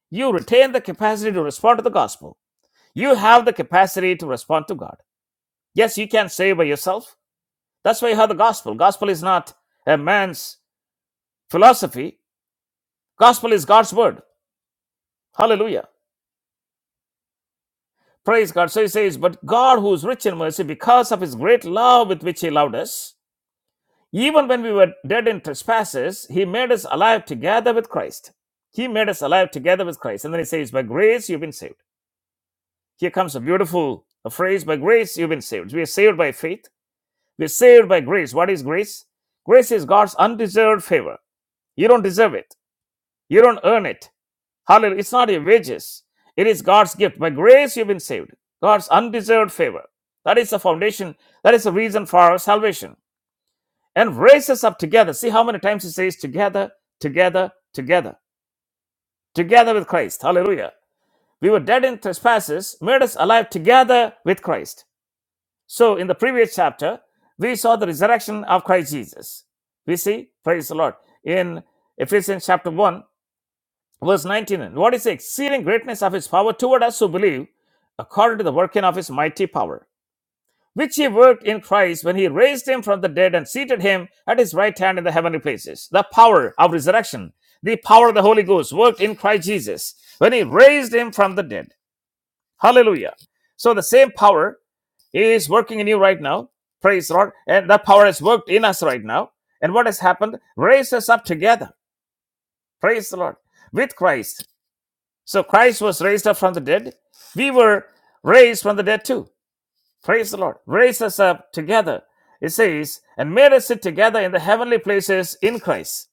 Speaker 1: You retain the capacity to respond to the gospel. You have the capacity to respond to God. Yes, you can save by yourself. That's why you have the gospel. Gospel is not a man's philosophy, gospel is God's word. Hallelujah. Praise God. So he says, But God, who is rich in mercy, because of his great love with which he loved us, Even when we were dead in trespasses, he made us alive together with Christ. He made us alive together with Christ. And then he says, By grace you've been saved. Here comes a beautiful phrase by grace you've been saved. We are saved by faith. We're saved by grace. What is grace? Grace is God's undeserved favor. You don't deserve it, you don't earn it. Hallelujah. It's not your wages, it is God's gift. By grace you've been saved. God's undeserved favor. That is the foundation, that is the reason for our salvation. and raise us up together. See how many times he says together, together, together, together with Christ. Hallelujah. We were dead in trespasses, made us alive together with Christ. So in the previous chapter, we saw the resurrection of Christ Jesus. We see, praise the Lord, in Ephesians chapter 1, verse 19. And what is the exceeding greatness of his power toward us who believe according to the working of his mighty power? which he worked in Christ when he raised him from the dead and seated him at his right hand in the heavenly places. The power of resurrection, the power of the Holy Ghost worked in Christ Jesus when he raised him from the dead. Hallelujah. So the same power is working in you right now. Praise the Lord. And that power has worked in us right now. And what has happened? Raised us up together. Praise the Lord. With Christ. So Christ was raised up from the dead. We were raised from the dead too. Praise the Lord. Raised us up together. It says, and made us sit together in the heavenly places in Christ.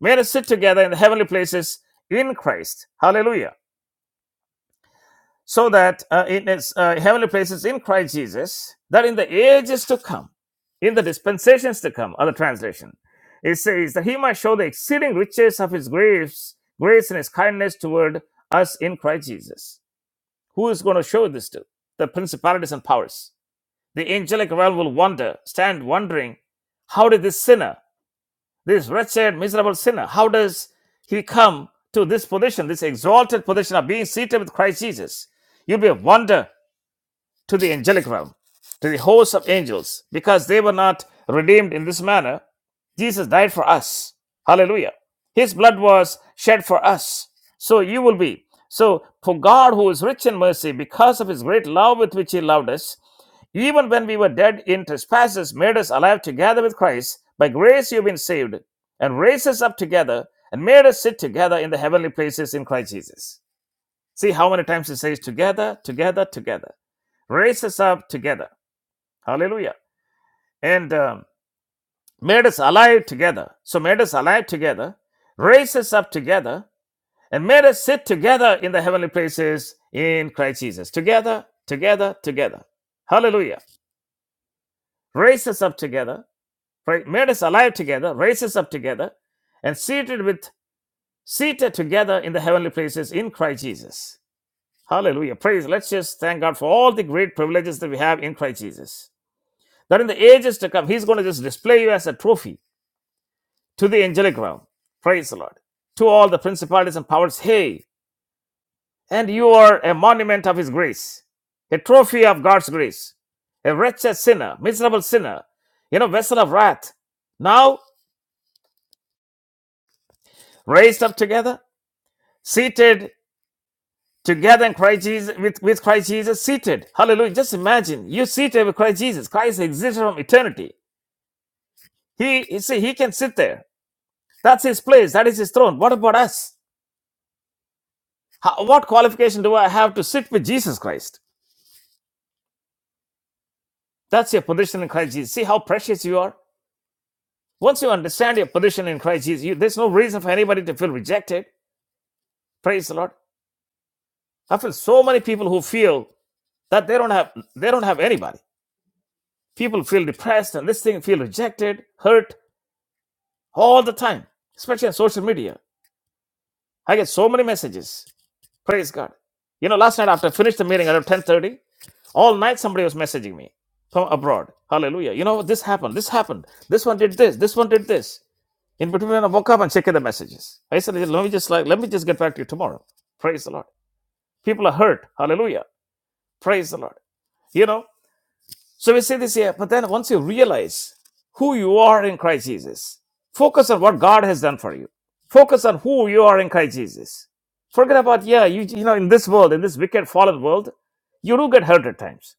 Speaker 1: Made us sit together in the heavenly places in Christ. Hallelujah. So that uh, in its uh, heavenly places in Christ Jesus, that in the ages to come, in the dispensations to come, other translation, it says that he might show the exceeding riches of his grace, grace and his kindness toward us in Christ Jesus. Who is going to show this to? The principalities and powers The angelic world will wonder, stand wondering, how did this sinner, this wretched, miserable sinner, how does he come to this position, this exalted position of being seated with Christ Jesus? You'll be a wonder to the angelic realm, to the hosts of angels, because they were not redeemed in this manner. Jesus died for us. Hallelujah. His blood was shed for us. So you will be. So, for God, who is rich in mercy, because of his great love with which he loved us, even when we were dead in trespasses, made us alive together with Christ. By grace you've been saved, and raised us up together, and made us sit together in the heavenly places in Christ Jesus. See how many times it says together, together, together. Raised us up together. Hallelujah. And um, made us alive together. So made us alive together, raised us up together, and made us sit together in the heavenly places in Christ Jesus. Together, together, together. Hallelujah. Raised us up together right? Made us alive together, raised us up together, and seated with seated together in the heavenly places in Christ Jesus. Hallelujah. Praise. Let's just thank God for all the great privileges that we have in Christ Jesus. That in the ages to come, He's going to just display you as a trophy to the angelic realm. Praise the Lord. To all the principalities and powers, hey, and you are a monument of His grace, a trophy of God's grace, a wretched sinner, miserable sinner, you know, vessel of wrath. Now raised up together seated together in Christ Jesus, with, with Christ Jesus, seated. Hallelujah. Just imagine you seated with Christ Jesus. Christ exists from eternity. He, you see, he can sit there. That's his place. That is his throne. What about us? How, what qualification do I have to sit with Jesus Christ? That's your position in Christ Jesus. See how precious you are. Once you understand your position in Christ Jesus, you, there's no reason for anybody to feel rejected. Praise the Lord. I feel so many people who feel that they don't have they don't have anybody. People feel depressed and this thing feel rejected, hurt, all the time, especially on social media. I get so many messages. Praise God. You know, last night after I finished the meeting around 10:30, all night somebody was messaging me from abroad. Hallelujah. You know, this happened, this happened, this one did this, this one did this. In between, I woke up and checked the messages. I said, let me just like, let me just get back to you tomorrow. Praise the Lord. People are hurt. Hallelujah. Praise the Lord. You know. So we say this here, but then once you realize who you are in Christ Jesus, focus on what God has done for you. Focus on who you are in Christ Jesus. Forget about, yeah, you, you know, in this world, in this wicked fallen world, you do get hurt at times.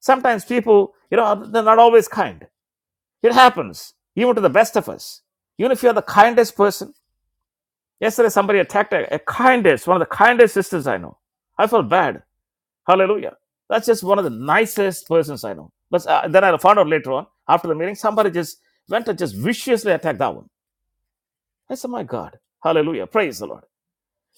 Speaker 1: Sometimes people, you know, they're not always kind. It happens, even to the best of us. Even if you're the kindest person. Yesterday, somebody attacked a, a kindest, one of the kindest sisters I know. I felt bad. Hallelujah. That's just one of the nicest persons I know. But uh, then I found out later on, after the meeting, somebody just went and just viciously attacked that one. I said, My God. Hallelujah. Praise the Lord.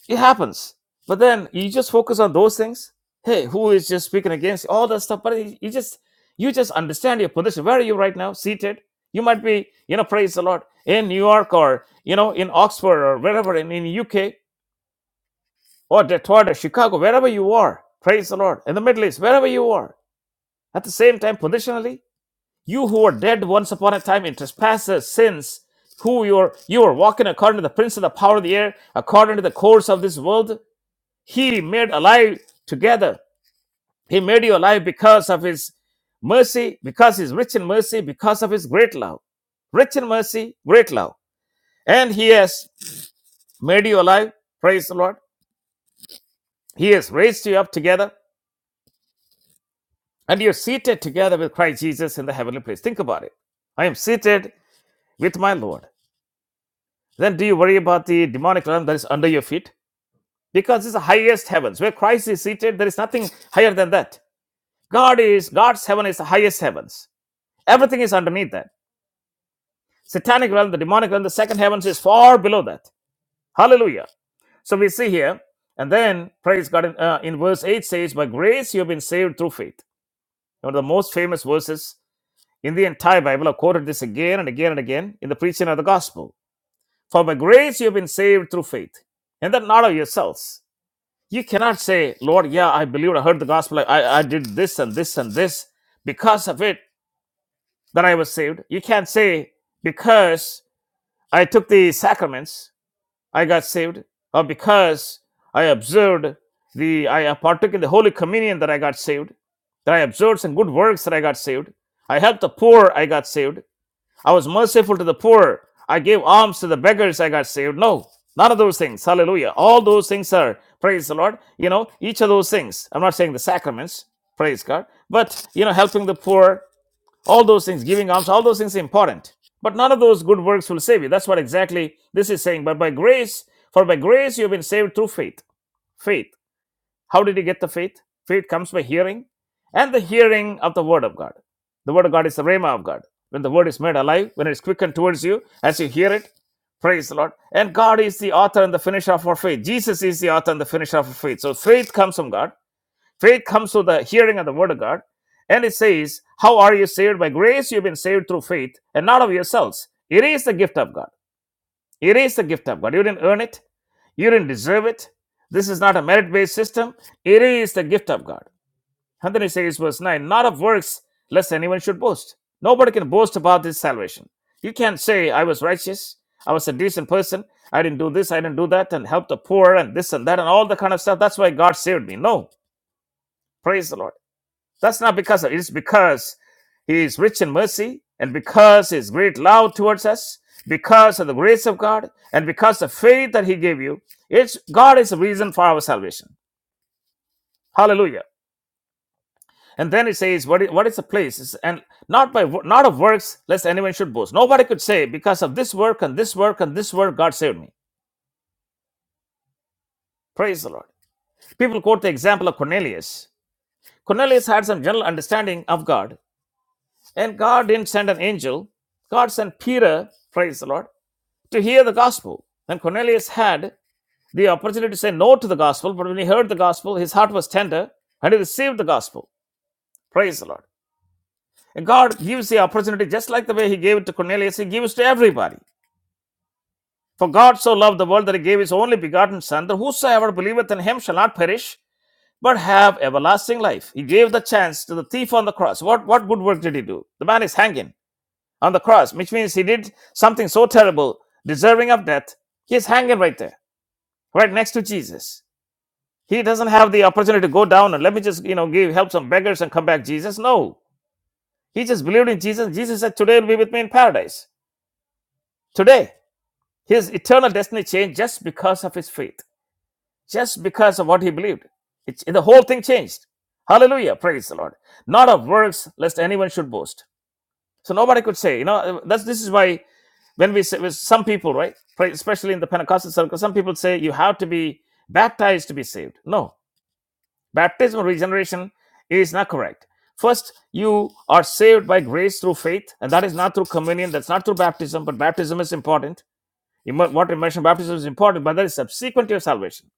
Speaker 1: It happens. But then you just focus on those things. Hey, who is just speaking against all that stuff? But you just you just understand your position. Where are you right now? Seated. You might be, you know, praise the Lord, in New York or you know, in Oxford or wherever in, in UK or Detroit or Chicago, wherever you are. Praise the Lord. In the Middle East, wherever you are At the same time, positionally, you who were dead once upon a time in trespasses, sins, who you were, you were walking according to the prince of the power of the air, according to the course of this world, he made alive together. He made you alive because of his mercy, because he's rich in mercy, because of his great love. Rich in mercy, great love. And he has made you alive. Praise the Lord. He has raised you up together and you're seated together with Christ Jesus in the heavenly place. Think about it. I am seated with my Lord. Then do you worry about the demonic realm that is under your feet? Because it's the highest heavens. Where Christ is seated, there is nothing higher than that. God is God's heaven is the highest heavens. Everything is underneath that. Satanic realm, the demonic realm, the second heavens is far below that. Hallelujah. So we see here, and then praise God in, uh, in verse 8 says, By grace you have been saved through faith. One of the most famous verses in the entire Bible. I've quoted this again and again and again in the preaching of the gospel. For by grace you have been saved through faith, and that not of yourselves. You cannot say, Lord, yeah, I believed, I heard the gospel, I, I did this and this and this. Because of it, that I was saved. You can't say, because I took the sacraments, I got saved, or because I observed the, I partook in the Holy Communion that I got saved, that I observed some good works that I got saved, I helped the poor, I got saved. I was merciful to the poor. I gave alms to the beggars. I got saved. No, none of those things. Hallelujah. All those things are, praise the Lord. You know, each of those things. I'm not saying the sacraments, praise God, but, you know, helping the poor, all those things, giving alms, all those things are important. But none of those good works will save you. That's what exactly this is saying. But by grace, for by grace you have been saved through faith. Faith. How did he get the faith? Faith comes by hearing, and the hearing of the word of God. The word of God is the rhema of God. When the word is made alive, when it is quickened towards you, as you hear it, praise the Lord. And God is the author and the finisher of our faith. Jesus is the author and the finisher of our faith. So faith comes from God. Faith comes through the hearing of the word of God. And it says, How are you saved? By grace you've been saved through faith, and not of yourselves. It is the gift of God. It is the gift of God. You didn't earn it, you didn't deserve it. This is not a merit based system, it is the gift of God. And then he says, verse 9, not of works, lest anyone should boast. Nobody can boast about this salvation. You can't say, I was righteous, I was a decent person, I didn't do this, I didn't do that, and help the poor, and this and that, and all the kind of stuff. That's why God saved me. No, praise the Lord. That's not because of it. it's because he is rich in mercy and because his great love towards us, because of the grace of God, and because of faith that he gave you, it's God is the reason for our salvation. Hallelujah. And then he says, What is, what is the place? It's- and not by not of works, lest anyone should boast. Nobody could say, because of this work and this work and this work, God saved me. Praise the Lord. People quote the example of Cornelius. Cornelius had some general understanding of God, And God didn't send an angel. God sent Peter, praise the Lord, to hear the gospel. And Cornelius had the opportunity to say no to the gospel, but when he heard the gospel, his heart was tender and he received the gospel. Praise the Lord. And God gives the opportunity just like the way he gave it to Cornelius, he gives to everybody. For God so loved the world that he gave his only begotten Son, that whosoever believeth in him shall not perish, but have everlasting life. He gave the chance to the thief on the cross. What, what good work did he do? The man is hanging. on the cross, which means he did something so terrible, deserving of death. He's hanging right there, right next to Jesus. He doesn't have the opportunity to go down and let me just, you know, give help some beggars and come back, Jesus. No. He just believed in Jesus. Jesus said, Today will be with me in paradise. Today. His eternal destiny changed just because of his faith, just because of what he believed. It, the whole thing changed. Hallelujah. Praise the Lord. Not of works, lest anyone should boast. So nobody could say, you know, that's this is why when we say with some people, right, especially in the Pentecostal circle, some people say you have to be baptized to be saved. No, baptism or regeneration is not correct. First, you are saved by grace through faith, and that is not through communion, that's not through baptism, but baptism is important. Immer- Water immersion baptism is important, but that is subsequent to your salvation.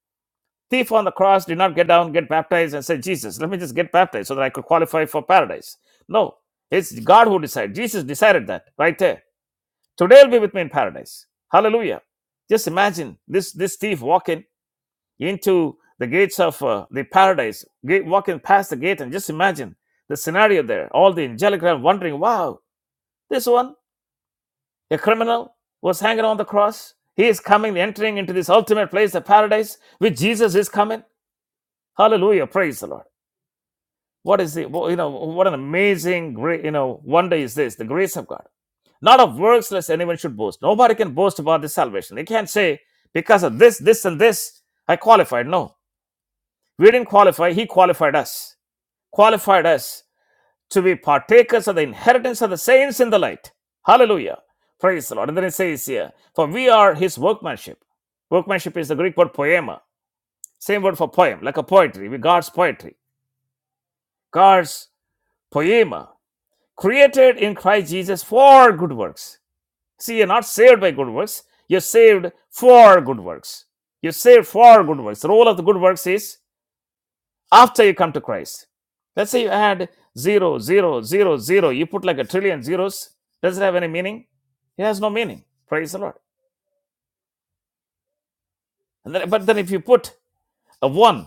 Speaker 1: Thief on the cross did not get down, get baptized, and say, Jesus, let me just get baptized so that I could qualify for paradise. No, it's God who decided. Jesus decided that right there. Today will be with me in paradise. Hallelujah. Just imagine this, this thief walking into the gates of uh, the paradise, gate, walking past the gate, and just imagine the scenario there. All the angelic realm wondering, wow, this one, a criminal, was hanging on the cross. He is coming, entering into this ultimate place, the paradise, which Jesus is coming. Hallelujah. Praise the Lord. What is the, you know, what an amazing, great, you know, wonder is this, the grace of God not of works lest anyone should boast. Nobody can boast about this salvation. They can't say, because of this, this, and this, I qualified. No. We didn't qualify, he qualified us. Qualified us to be partakers of the inheritance of the saints in the light. Hallelujah. Praise the Lord. And then it says here, for we are his workmanship. Workmanship is the Greek word poema. Same word for poem, like a poetry, We God's poetry. God's poema, created in Christ Jesus for good works See, you're not saved by good works. You're saved for good works. You're saved for good works. The role of the good works is after you come to Christ. Let's say you add zero, zero, zero, zero. You put like a trillion zeros. Does it have any meaning? It has no meaning. Praise the Lord. And then, but then if you put a one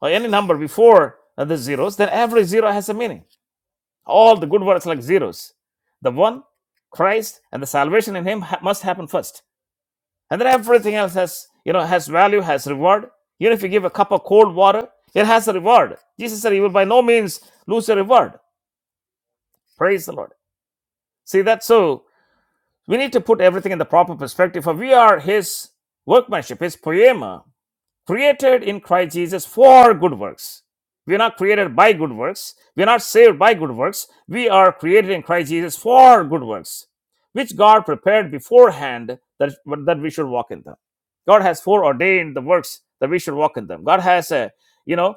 Speaker 1: or any number before the zeros, then every zero has a meaning. All the good works like zeros. The one, Christ, and the salvation in Him ha- must happen first and then everything else has you know has value has reward even if you give a cup of cold water it has a reward jesus said you will by no means lose your reward praise the lord see that so we need to put everything in the proper perspective for we are his workmanship his poema created in Christ Jesus for good works. We are not created by good works. We are not saved by good works. We are created in Christ Jesus for good works, which God prepared beforehand that, that we should walk in them. God has foreordained the works that we should walk in them. God has a, you know,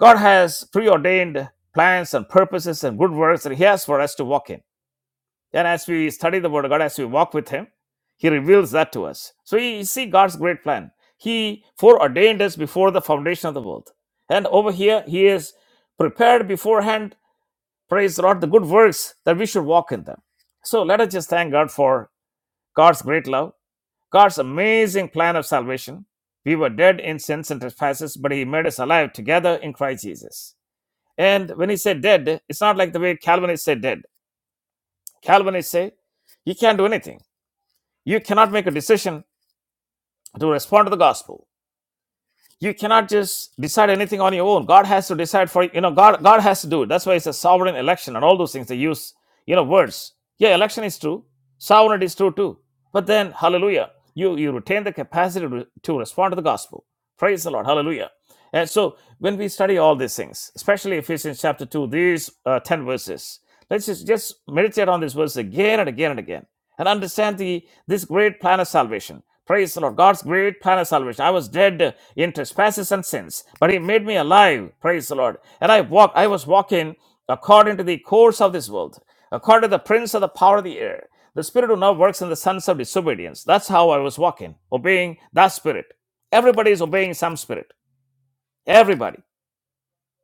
Speaker 1: God has preordained plans and purposes and good works that He has for us to walk in. And as we study the Word of God, as we walk with Him, He reveals that to us. So we see God's great plan. He foreordained us before the foundation of the world. And over here, He is prepared beforehand, praise the Lord, the good works that we should walk in them. So let us just thank God for God's great love, God's amazing plan of salvation. We were dead in sins and trespasses, but He made us alive together in Christ Jesus. And when He said dead, it's not like the way Calvinists say dead. Calvinists say, You can't do anything you cannot make a decision to respond to the gospel. You cannot just decide anything on your own. God has to decide for you You know God God has to do it. That's why it's a sovereign election and all those things they use you know words. Yeah, election is true. Sovereignty is true too. But then hallelujah, you you retain the capacity to, to respond to the gospel. Praise the Lord. Hallelujah. And so when we study all these things, especially Ephesians chapter 2, these uh, 10 verses, let's just, just meditate on this verse again and again and again and understand the this great plan of salvation. Praise the Lord. God's great plan of salvation. I was dead in trespasses and sins, but he made me alive. Praise the Lord. And I walk, I was walking according to the course of this world, according to the prince of the power of the air, the spirit who now works in the sons of disobedience. That's how I was walking, obeying that spirit. Everybody is obeying some spirit. Everybody,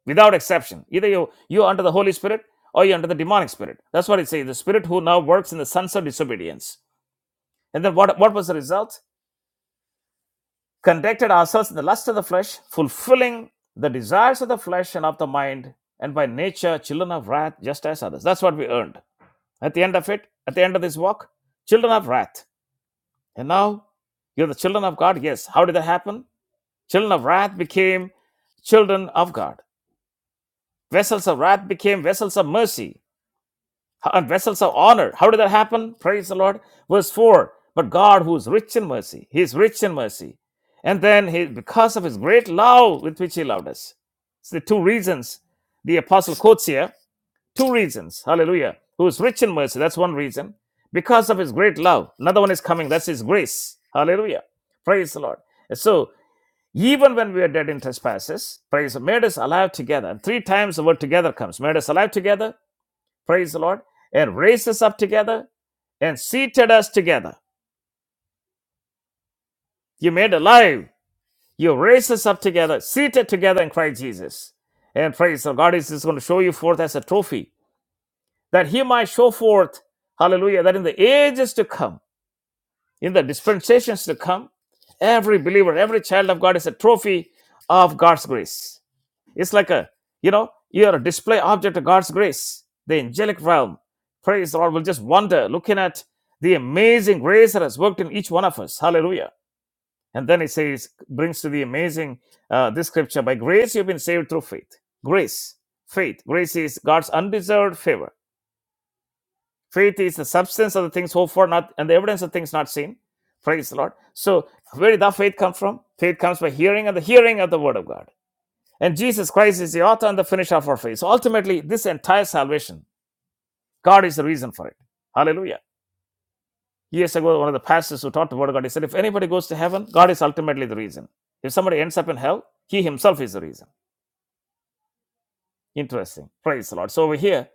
Speaker 1: without exception. Either you you are under the Holy Spirit or you're under the demonic spirit. That's what it says. The spirit who now works in the sons of disobedience. And then what, what was the result? Conducted ourselves in the lust of the flesh, fulfilling the desires of the flesh and of the mind, and by nature children of wrath, just as others. That's what we earned. At the end of it, at the end of this walk, children of wrath. And now you're the children of God. Yes. How did that happen? Children of wrath became children of God. Vessels of wrath became vessels of mercy. and vessels of honor. How did that happen? Praise the Lord. Verse 4 But God, who is rich in mercy, He is rich in mercy. And then, he, because of His great love with which He loved us. It's the two reasons the apostle quotes here. Two reasons. Hallelujah. Who is rich in mercy. That's one reason. Because of His great love. Another one is coming. That's His grace. Hallelujah. Praise the Lord. So, even when we are dead in trespasses, praise, made us alive together. And three times the word together comes. Made us alive together, Praise the Lord. And raised us up together and seated us together. You made alive. You raised us up together, seated together in Christ Jesus. And praise the Lord. God is just going to show you forth as a trophy that he might show forth, hallelujah, that in the ages to come, in the dispensations to come, every believer, every child of God is a trophy of God's grace. It's like a, you know, you are a display object of God's grace. The angelic realm, praise the Lord, will just wonder looking at the amazing grace that has worked in each one of us. Hallelujah. And then it says, brings to the amazing uh, this scripture by grace you've been saved through faith. Grace, faith. Grace is God's undeserved favor. Faith is the substance of the things hoped for, not and the evidence of things not seen. Praise the Lord. So, where did that faith come from? Faith comes by hearing and the hearing of the word of God. And Jesus Christ is the author and the finisher of our faith. So ultimately, this entire salvation, God is the reason for it. Hallelujah. Years ago, one of the pastors who taught the word of God, he said, if anybody goes to heaven, God is ultimately the reason. If somebody ends up in hell, he himself is the reason. Interesting. Praise the Lord. So over here,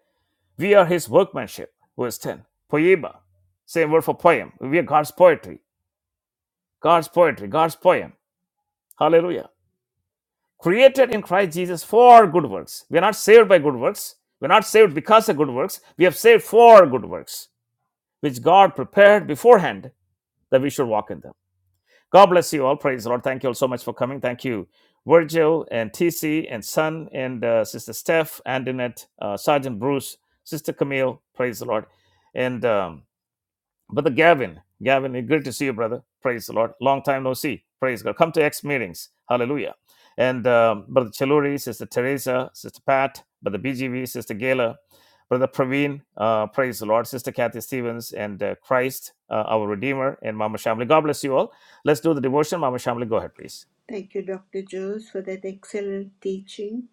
Speaker 1: we are his workmanship. Verse 10. Poema. Same word for poem. We are God's poetry. God's poetry. God's poem. Hallelujah. created in Christ Jesus for good works. We are not saved by good works. We are not saved because of good works. We have saved for good works, which God prepared beforehand that we should walk in them. God bless you all. Praise the Lord. Thank you all so much for coming. Thank you, Virgil and TC and Son and uh, Sister Steph, Antoinette, uh, Sergeant Bruce, Sister Camille. Praise the Lord. And um, Brother Gavin, Gavin, it's great to see you, brother. Praise the Lord. Long time no see. Praise God. Come to X meetings. Hallelujah. And um, Brother Chaluri, Sister Teresa, Sister Pat, Brother BGV, Sister Gala, Brother Praveen, uh, praise the Lord, Sister Kathy Stevens, and uh, Christ, uh, our Redeemer, and Mama Shamli. God bless you all. Let's do the devotion. Mama Shamli, go ahead, please.
Speaker 2: Thank you, Dr. Jules, for that excellent teaching.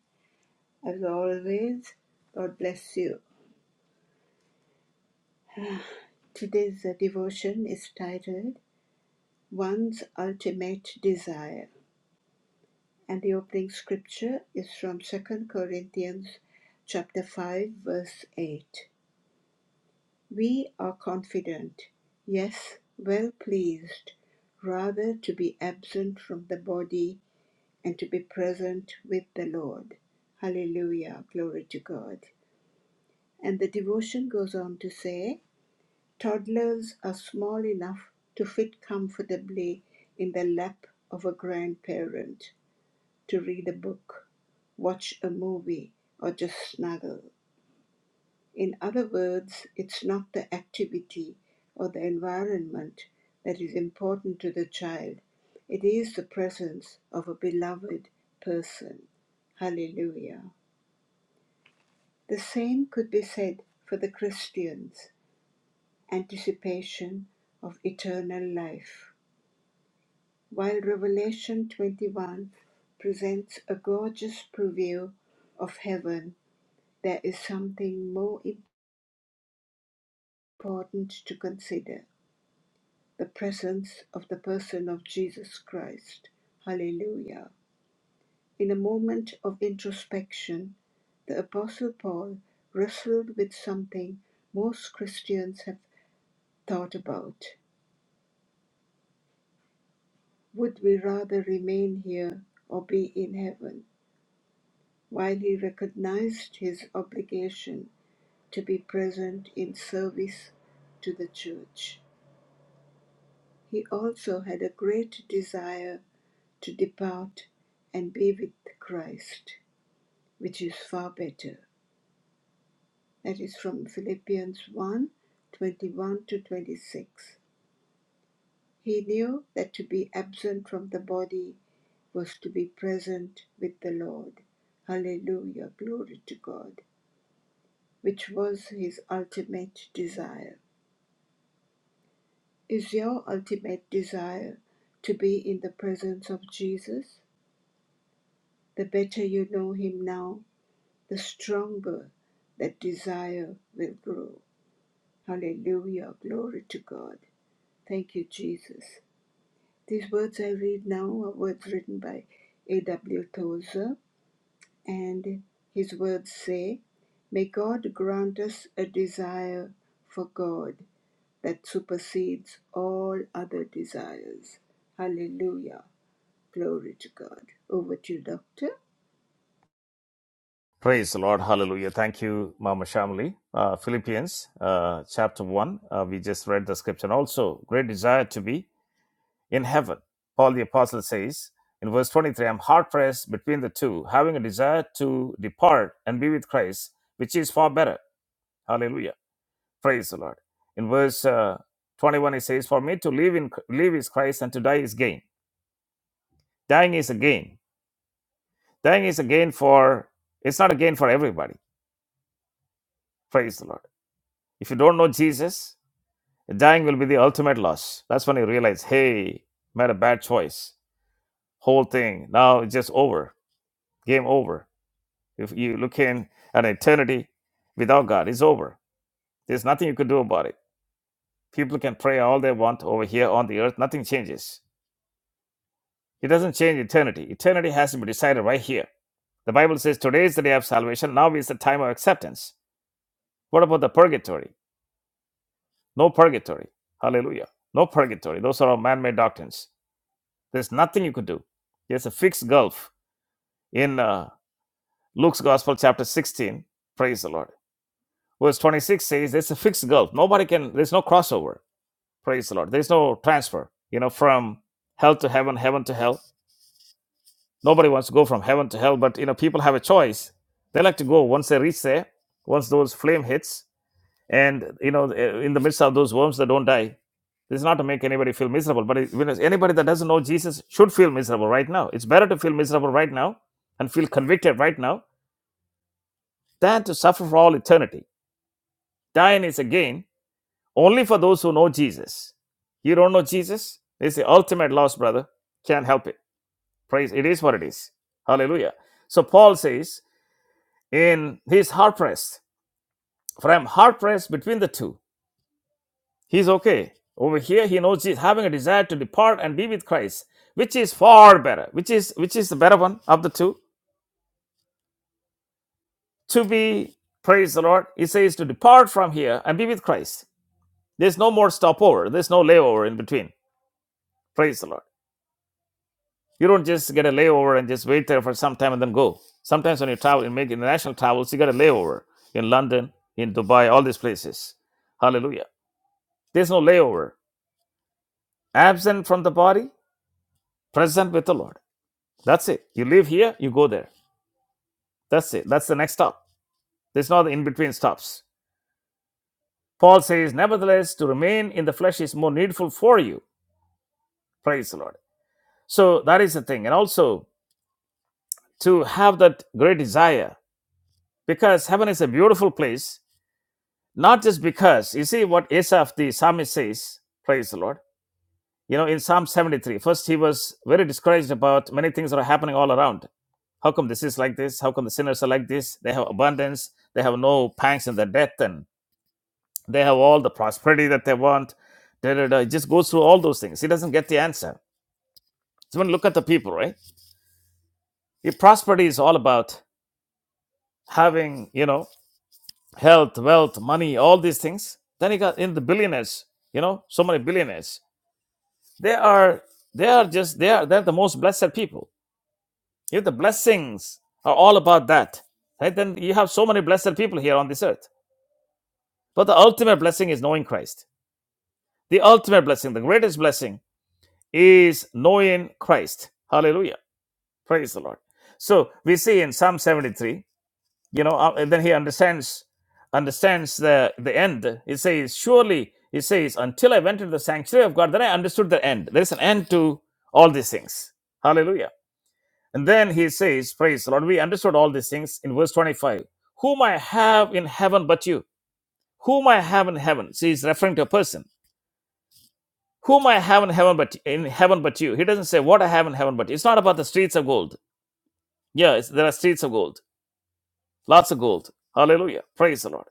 Speaker 2: As always, God bless you. Today's uh, devotion is titled One's Ultimate Desire, and the opening scripture is from Second Corinthians chapter 5 verse 8. We are confident, yes, well pleased, rather to be absent from the body and to be present with the Lord. Hallelujah. Glory to God. And the devotion goes on to say toddlers are small enough to fit comfortably in the lap of a grandparent, to read a book, watch a movie, or just snuggle. In other words, it's not the activity or the environment that is important to the child, it is the presence of a beloved person. Hallelujah. The same could be said for the Christians, anticipation of eternal life. While Revelation 21 presents a gorgeous preview of heaven, there is something more important to consider the presence of the person of Jesus Christ. Hallelujah. In a moment of introspection, the Apostle Paul wrestled with something most Christians have thought about. Would we rather remain here or be in heaven? While he recognized his obligation to be present in service to the church, he also had a great desire to depart and be with Christ. which is far better. That is from Philippians 1 21 to 26. He knew that to be absent from the body was to be present with the Lord. Hallelujah, glory to God, which was his ultimate desire. Is your ultimate desire to be in the presence of Jesus? The better you know him now, the stronger that desire will grow. Hallelujah, glory to God. Thank you, Jesus. These words I read now are words written by A.W. Tozer, and his words say, May God grant us a desire for God that supersedes all other desires. Hallelujah. Glory to God. Over to you, Doctor.
Speaker 1: Praise the Lord. Hallelujah. Thank you, Mama Shamli. Uh, Philippians uh, chapter 1. Uh, we just read the scripture. And also, great desire to be. in heaven. Paul the Apostle says in verse 23 I'm hard pressed between the two, having a desire to depart and be with Christ, which is far better. Hallelujah. Praise the Lord. In verse uh, 21, he says, For me to live, in, live is Christ and to die is gain. Dying is a gain. Dying is a gain for, it's not a gain for everybody. Praise the Lord. If you don't know Jesus, dying will be the ultimate loss. That's when you realize, hey, made a bad choice. Whole thing. Now it's just over. Game over If you look in at eternity without God, it's over. There's nothing you can do about it. People can pray all they want over here on the earth, nothing changes. It doesn't change eternity. Eternity has to be decided right here. The Bible says today is the day of salvation, now is the time of acceptance. What about the purgatory? No purgatory. Hallelujah. No purgatory. Those are all man made doctrines. There's nothing you could do. There's a fixed gulf in uh, Luke's Gospel, chapter 16. Praise the Lord. Verse 26 says there's a fixed gulf. Nobody can, there's no crossover. Praise the Lord. There's no transfer, you know, from hell to heaven, heaven to hell. Nobody wants to go from heaven to hell, but you know, people have a choice. They like to go once they reach there, once those flame hits, and you know, in the midst of those worms that don't die. This is not to make anybody feel miserable, but it, when it's- anybody that doesn't know Jesus should feel miserable right now. It's better to feel miserable right now and feel convicted right now than to suffer for all eternity. Dying is a gain Only for those who know Jesus. You don't know Jesus? It's the ultimate loss, brother. Can't help it. Praise. It is what it is. Hallelujah. So Paul says, in he's hard pressed. For I'm hard pressed between the two. He's okay. Over here, he knows he's having a desire to depart and be with Christ, which is far better. Which is which is the better one of the two? To be, praise the Lord. He says to depart from here and be with Christ. There's no more stopover. There's no layover in between. Praise the Lord. You don't just get a layover and just wait there for some time and then go. Sometimes when you travel, you make international travels, you get a layover in London, in Dubai, all these places. Hallelujah. There's no layover. Absent from the body, present with the Lord. That's it. You live here, you go there. That's it. That's the next stop. There's no in between stops. Paul says, Nevertheless, to remain in the flesh is more needful for you. Praise the Lord. So that is the thing. And also to have that great desire because heaven is a beautiful place Not just because, you see what Asaph the psalmist says, praise the Lord. You know, in Psalm 73, first he was very discouraged about many things that are happening all around. How come this is like this? How come the sinners are like this? They have abundance, they have no pangs in their death, and they have all the prosperity that they want. Da, da, da. It just goes through all those things. He doesn't get the answer. So when you look at the people, right? If prosperity is all about having, you know, health, wealth, money, all these things, then he got in the billionaires, you know, so many billionaires. They are they are just they are they're the most blessed people. If the blessings are all about that, right? Then you have so many blessed people here on this earth. But the ultimate blessing is knowing Christ. The ultimate blessing, the greatest blessing, is knowing Christ. Hallelujah. Praise the Lord. So we see in Psalm 73, you know, uh, and then he understands understands the the end. It says, surely it says, until I went into the sanctuary of God, then I understood the end. There is an end to all these things. Hallelujah. And then he says, Praise the Lord, we understood all these things in verse 25. Whom I have in heaven but you. Whom I have in heaven. See, he's referring to a person. Whom I have in heaven but in heaven but you. He doesn't say what I have in heaven but you. It's not about the streets of gold. Yeah, it's, there are streets of gold. Lots of gold. Hallelujah. Praise the Lord.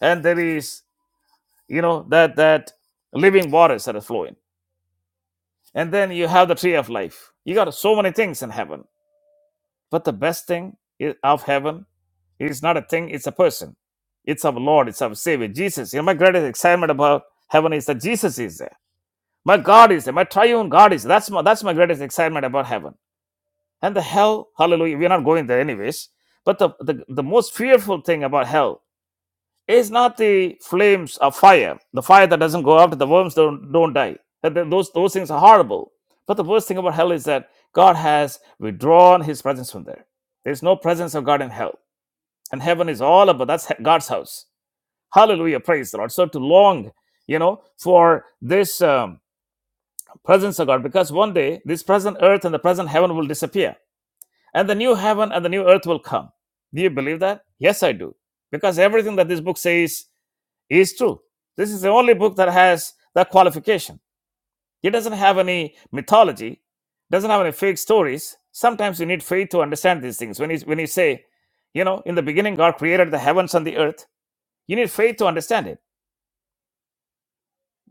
Speaker 1: And there is, you know, that that living waters that are flowing. And then you have the tree of life. You got so many things in heaven But the best thing i- of heaven is not a thing, it's a person. It's our Lord, it's our Savior, Jesus. You know, my greatest excitement about heaven is that Jesus is there. My God is there. My triune God is there. That's my, that's my greatest excitement about heaven. And the hell, hallelujah, we're not going there anyways. But the, the, the most fearful thing about hell it's not the flames of fire, the fire that doesn't go out, the worms don't, don't die. That- Those, those things are horrible. But the worst thing about hell is that God has withdrawn his presence from there. There's no presence of God in hell. And heaven is all about that's he- God's house. Hallelujah. Praise the Lord. So to long, you know, for this um, presence of God, because one day this present earth and the present heaven will disappear, and the new heaven and the new earth will come. Do you believe that? Yes, I do. Because everything that this book says it's true. This is the only book that has that qualification. It doesn't have any mythology, doesn't have any fake stories. Sometimes you need faith to understand these things. When you, when you say, you know, in the beginning, God created the heavens and the earth, you need faith to understand it.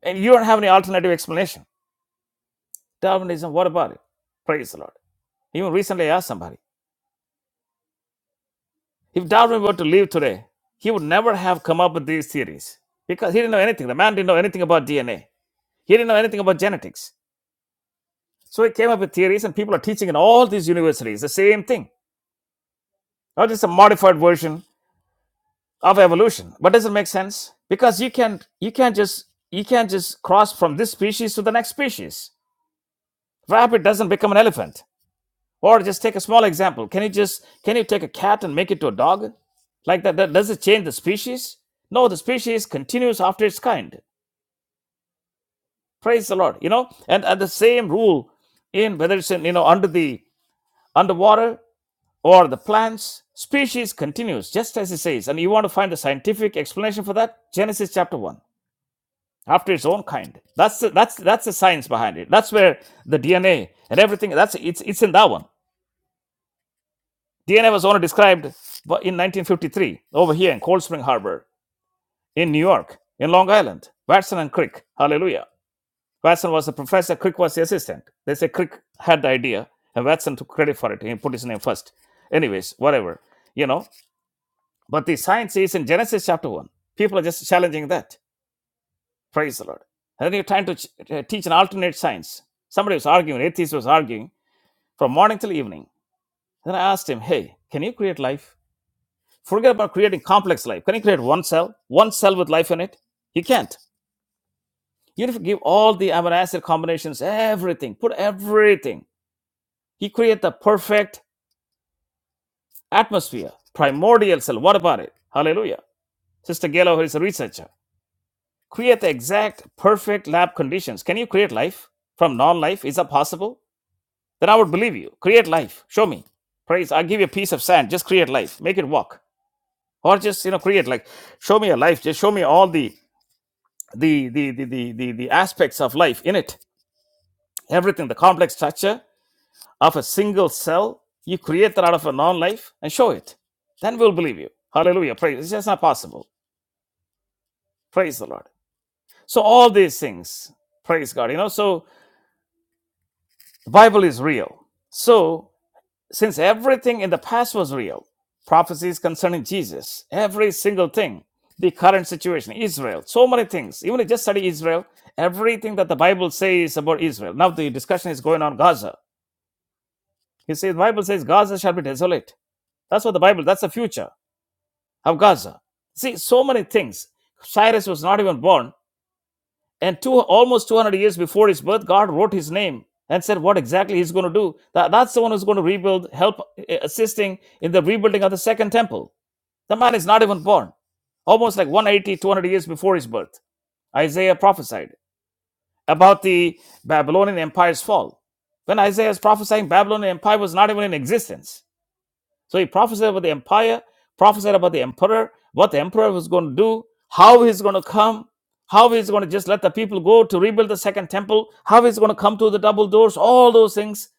Speaker 1: And you don't have any alternative explanation. Darwinism, what about it? Praise the Lord. Even recently, I asked somebody if Darwin were to live today, he would never have come up with these theories because he didn't know anything. The man didn't know anything about DNA, he didn't know anything about genetics. So he came up with theories, and people are teaching in all these universities the same thing. Not just a modified version of evolution. But does it make sense? Because you can you can't just you can't just cross from this species to the next species. Rabbit doesn't become an elephant. Or just take a small example. Can you just can you take a cat and make it to a dog? Like that, that does it change the species? No, the species continues after its kind. Praise the Lord. You know, and, and the same rule in whether it's in, you know, under the underwater or the plants, species continues, just as it says. And you want to find the scientific explanation for that? Genesis chapter 1, after its own kind. That's the, that's, that's the science behind it. That's where the DNA and everything, that's it's, it's in that one. DNA was only described in 1953 over here in Cold Spring Harbor in New York, in Long Island, Watson and Crick. Hallelujah. Watson was the professor, Crick was the assistant. They say Crick had the idea, and Watson took credit for it. He put his name first. Anyways, whatever. You know, But the science is in Genesis chapter 1. People are just challenging that. Praise the Lord. And then you're trying to ch- uh, teach an alternate science. Somebody was arguing, an atheist was arguing from morning till evening. Then I asked him, hey, can you create life? Forget about creating complex life. Can you create one cell? One cell with life in it? You can't. You have to give all the amino acid combinations, everything, put everything. He created the perfect atmosphere, primordial cell. What about it? Hallelujah. Sister Gelo is a researcher. create the exact perfect lab conditions. Can you create life from non life? Is that possible? Then I would believe you. Create life. Show me. Praise. I'll give you a piece of sand. Just create life. Make it walk. Or just, you know, create like show me a life. Just show me all the the the the the the, the aspects of life in it. Everything, the complex structure of a single cell. You create that out of a non-life and show it. Then we'll believe you. Hallelujah. Praise. It's just not possible. Praise the Lord. So all these things, praise God. You know, so The Bible is real. So, since everything in the past was real, prophecies concerning Jesus, every single thing, the current situation, Israel, so many things, even if you just study Israel, everything that the Bible says about Israel. Now, the discussion is going on Gaza. You see, the Bible says Gaza shall be desolate. That's what the Bible, that's the future of Gaza. See, so many things. Cyrus was not even born And two, almost 200 years before his birth, God wrote his name and said what exactly he's going to do. That, that's the one who's going to rebuild, help eh, assisting in the rebuilding of the second temple. The man is not even born, almost like 180, 200 years before his birth. Isaiah prophesied about the Babylonian Empire's fall. When Isaiah is prophesying, Babylonian Empire was not even in existence. So he prophesied about the empire, prophesied about the emperor, what the emperor was going to do, how he's going to come, how he's going to just let the people go to rebuild the second temple, how he's going to come through the double doors. All those things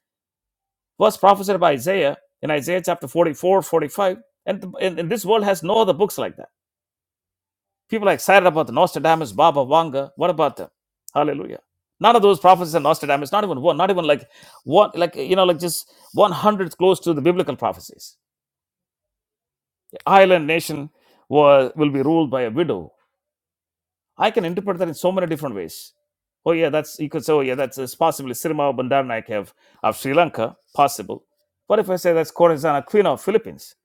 Speaker 1: was prophesied by Isaiah in Isaiah chapter 44, 45. And, th- and, and this world has no other books like that. People are excited about the Nostradamus, Baba Vanga. What about them? Hallelujah. None of those prophecies, are Nostradamus, not even one, not even like one, like, you know, like just one hundredth close to the biblical prophecies Island nation was, will be ruled by a widow. I can interpret that in so many different ways. Oh yeah, that's you could say. Oh yeah, that's it's possibly Sirma Bandaranaike of, of Sri Lanka, possible. But if I say that's Corazana Queen of Philippines,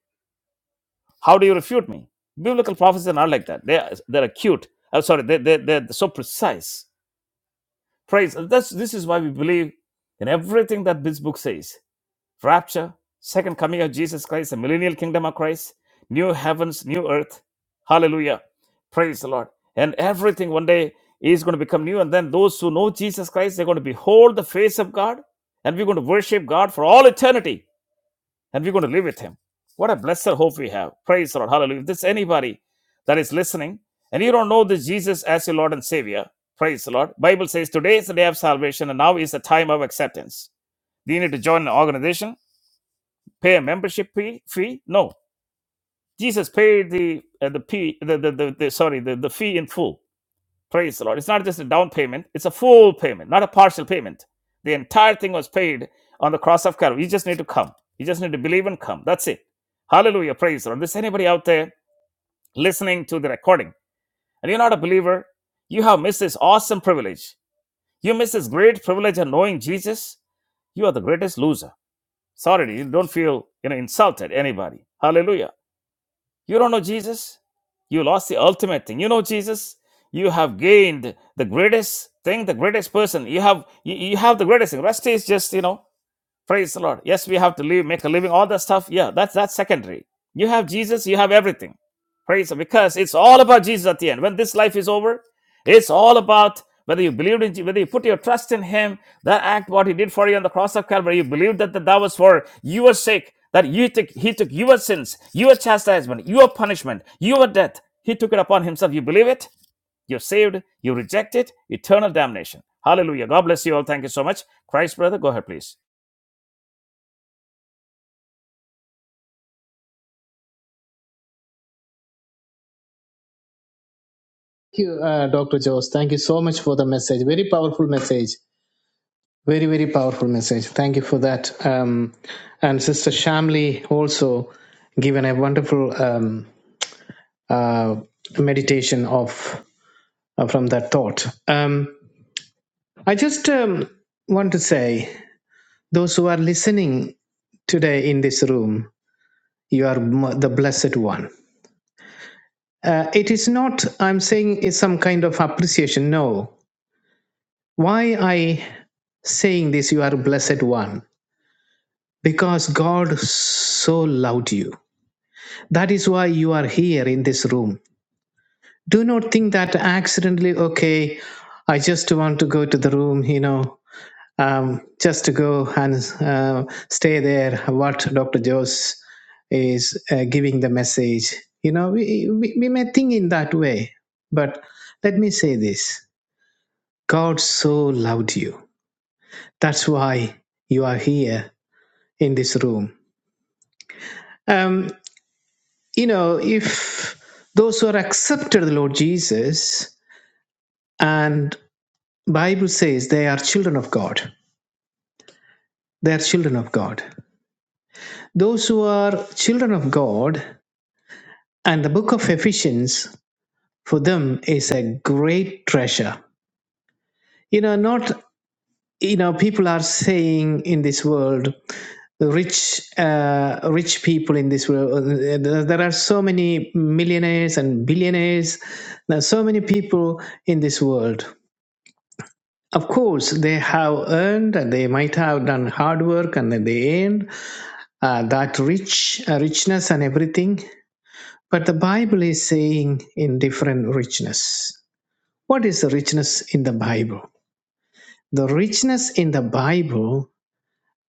Speaker 1: how do you refute me? Biblical prophecies are not like that. They are, they're acute. I'm sorry, they they they're so precise. Praise. That's this is why we believe in everything that this book says rapture, second coming of Jesus Christ, the millennial kingdom of Christ, new heavens, new earth. Hallelujah. Praise the Lord. And everything one day is going to become new. And then those who know Jesus Christ, they're going to behold the face of God. And we're going to worship God for all eternity. And we're going to live with Him. What a blessed hope we have. Praise the Lord. Hallelujah. If there's anybody that is listening and you don't know this Jesus as your Lord and Savior, praise the Lord. Bible says today is the day of salvation and now is the time of acceptance. You need to join an organization pay a membership fee? Fee? No. Jesus paid the uh, the fee the, the, the, the sorry the, the fee in full. Praise the Lord. It's not just a down payment; it's a full payment, not a partial payment. The entire thing was paid on the cross of Calvary. You just need to come. You just need to believe and come. That's it. Hallelujah. Praise the Lord. There's anybody out there listening to the recording, and you're not a believer, you have missed this awesome privilege. You missed this great privilege of knowing Jesus. You are the greatest loser. Sorry, you don't feel you know insulted anybody. Hallelujah. You don't know Jesus? You lost the ultimate thing. You know Jesus? You have gained the greatest thing, the greatest person. You have you, you have the greatest thing. Rest is just, you know. Praise the Lord. Yes, we have to live, make a living, all that stuff. Yeah, that's that's secondary. You have Jesus, you have everything. Praise Him, because it's all about Jesus at the end. When this life is over, it's all about whether you believed in, Je- whether you put your trust in Him, that act what He did for you on the cross of Calvary. You believed that that, that was for your sake, that you took He took your sins, your chastisement, your punishment, your death. He took it upon Himself. You believe it. You're saved. You reject it. Eternal damnation. Hallelujah. God bless you all. Thank you so much. Christ, brother, go ahead, please.
Speaker 3: Thank you, uh, Dr. Jose. Thank you so much for the message. Very powerful message. Very, very powerful message. Thank you for that. Um, and Sister Shamli also given a wonderful um, uh, meditation of uh, from that thought. Um, I just um, want to say, those who are listening today in this room, you are m- the blessed one. Uh, it is not, I'm saying, it's some kind of appreciation. No, why i saying this you are blessed one because god so loved you that is why you are here in this room do not think that accidentally okay i just want to go to the room you know um, just to go and uh, stay there what dr jose is uh, giving the message you know we, we, we may think in that way but let me say this god so loved you that's why you are here in this room. Um, you know, if those who are accepted the Lord Jesus, and Bible says they are children of God. They are children of God. Those who are children of God, and the book of Ephesians for them is a great treasure. You know, not you know people are saying in this world the rich uh, rich people in this world uh, there there are so many millionaires and billionaires there are so many people in this world of course they have earned and they might have done hard work and then they earned uh, that rich uh, richness and everything but the bible is saying in different richness what is the richness in the bible the richness in the bible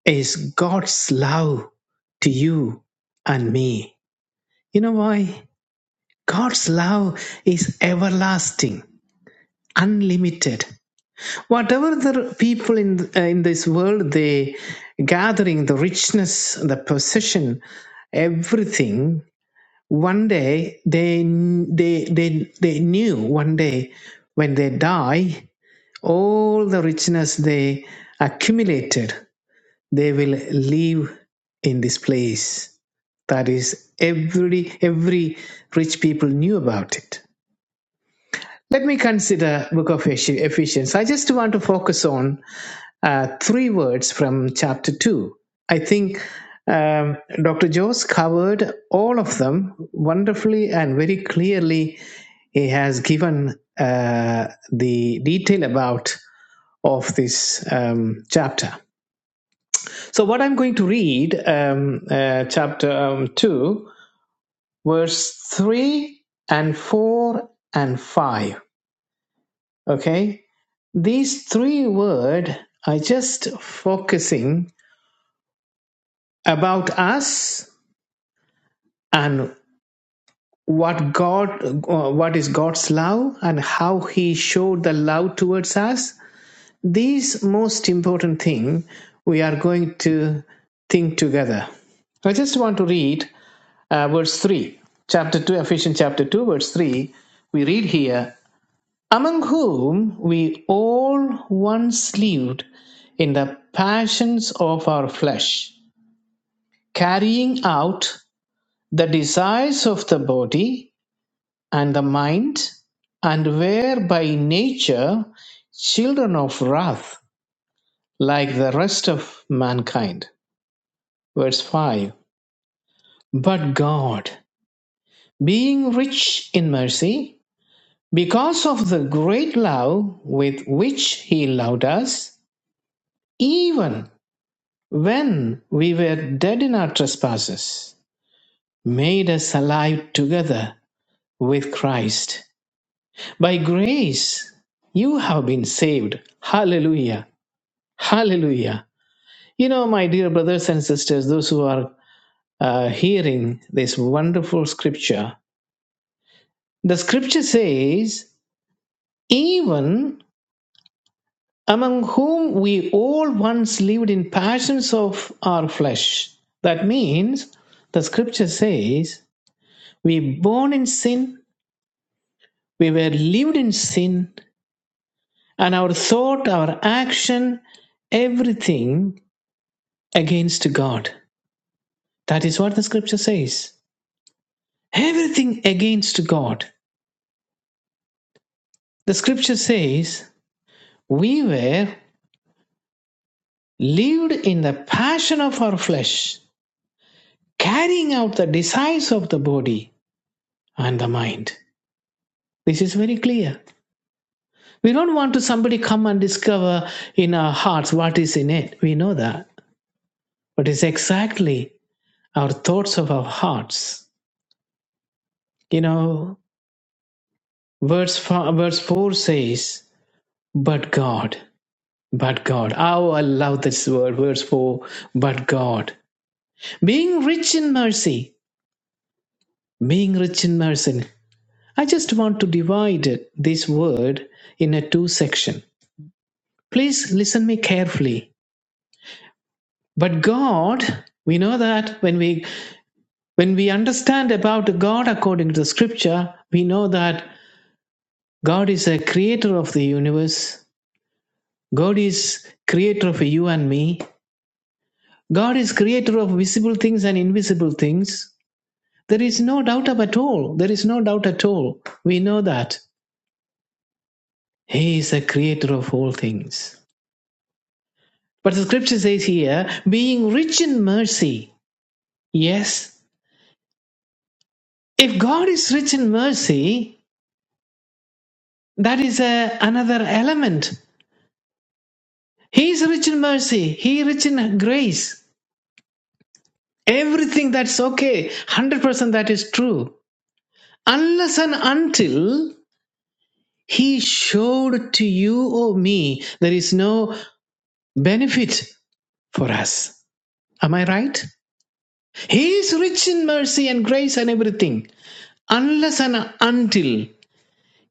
Speaker 3: is God's love to you and me. You know why? God's love is everlasting, unlimited. Whatever the people in uh, in this world they gathering the richness, the possession, everything. One day they they they they knew one day when they die, all the richness they accumulated, they will leave in this place That is, every every rich people knew about it. Let me consider Book of Ephes- Ephesians. I just want to focus on uh, three words from chapter two. I think um, Dr. Jones covered all of them wonderfully and very clearly. He has given uh, the detail about of this um, chapter. So, what I'm going to read, um, uh, chapter um, two. verse 3 and 4 and 5 okay these three word are just focusing about us and what god uh, what is god's love and how he showed the love towards us these most important thing we are going to think together I just want to read uh, verse 3, chapter 2, Ephesians chapter 2, verse 3. We read here, among whom we all once lived in the passions of our flesh, carrying out the desires of the body and the mind, and were by nature children of wrath like the rest of mankind. Verse 5 But God, being rich in mercy, because of the great love with which He loved us, even when we were dead in our trespasses, made us alive together with Christ. By grace, you have been saved. Hallelujah. Hallelujah. You know, my dear brothers and sisters, those who are uh, hearing this wonderful scripture, the scripture says, even among whom we all once lived in passions of our flesh. That means the scripture says We born in sin, we were lived in sin, and our thought, our action, everything against God. That is what the scripture says. Everything against God. The scripture says we were lived in the passion of our flesh, carrying out the desires of the body and the mind. This is very clear. We don't want to somebody come and discover in our hearts what is in it. We know that. But it's exactly our thoughts of our hearts. You know, verse four, verse 4 says, But God, but God. Oh, I love this word, verse 4, but God. Being rich in mercy, being rich in mercy. I just want to divide this word in a two section. Please listen me carefully. But God, we know that when we when we understand about God according to the scripture, we know that God is a creator of the universe God is creator of you and me. God is creator of visible things and invisible things. There is no doubt of at all. There is no doubt at all. We know that. He is the creator of all things. But the scripture says here, being rich in mercy. Yes. If God is rich in mercy, that is a, another element. He is rich in mercy. He is rich in grace. Everything that's okay. 100% that is true. Unless and until He showed to you or me there is no benefit for us. Am I right? He is rich in mercy and grace and everything, unless and until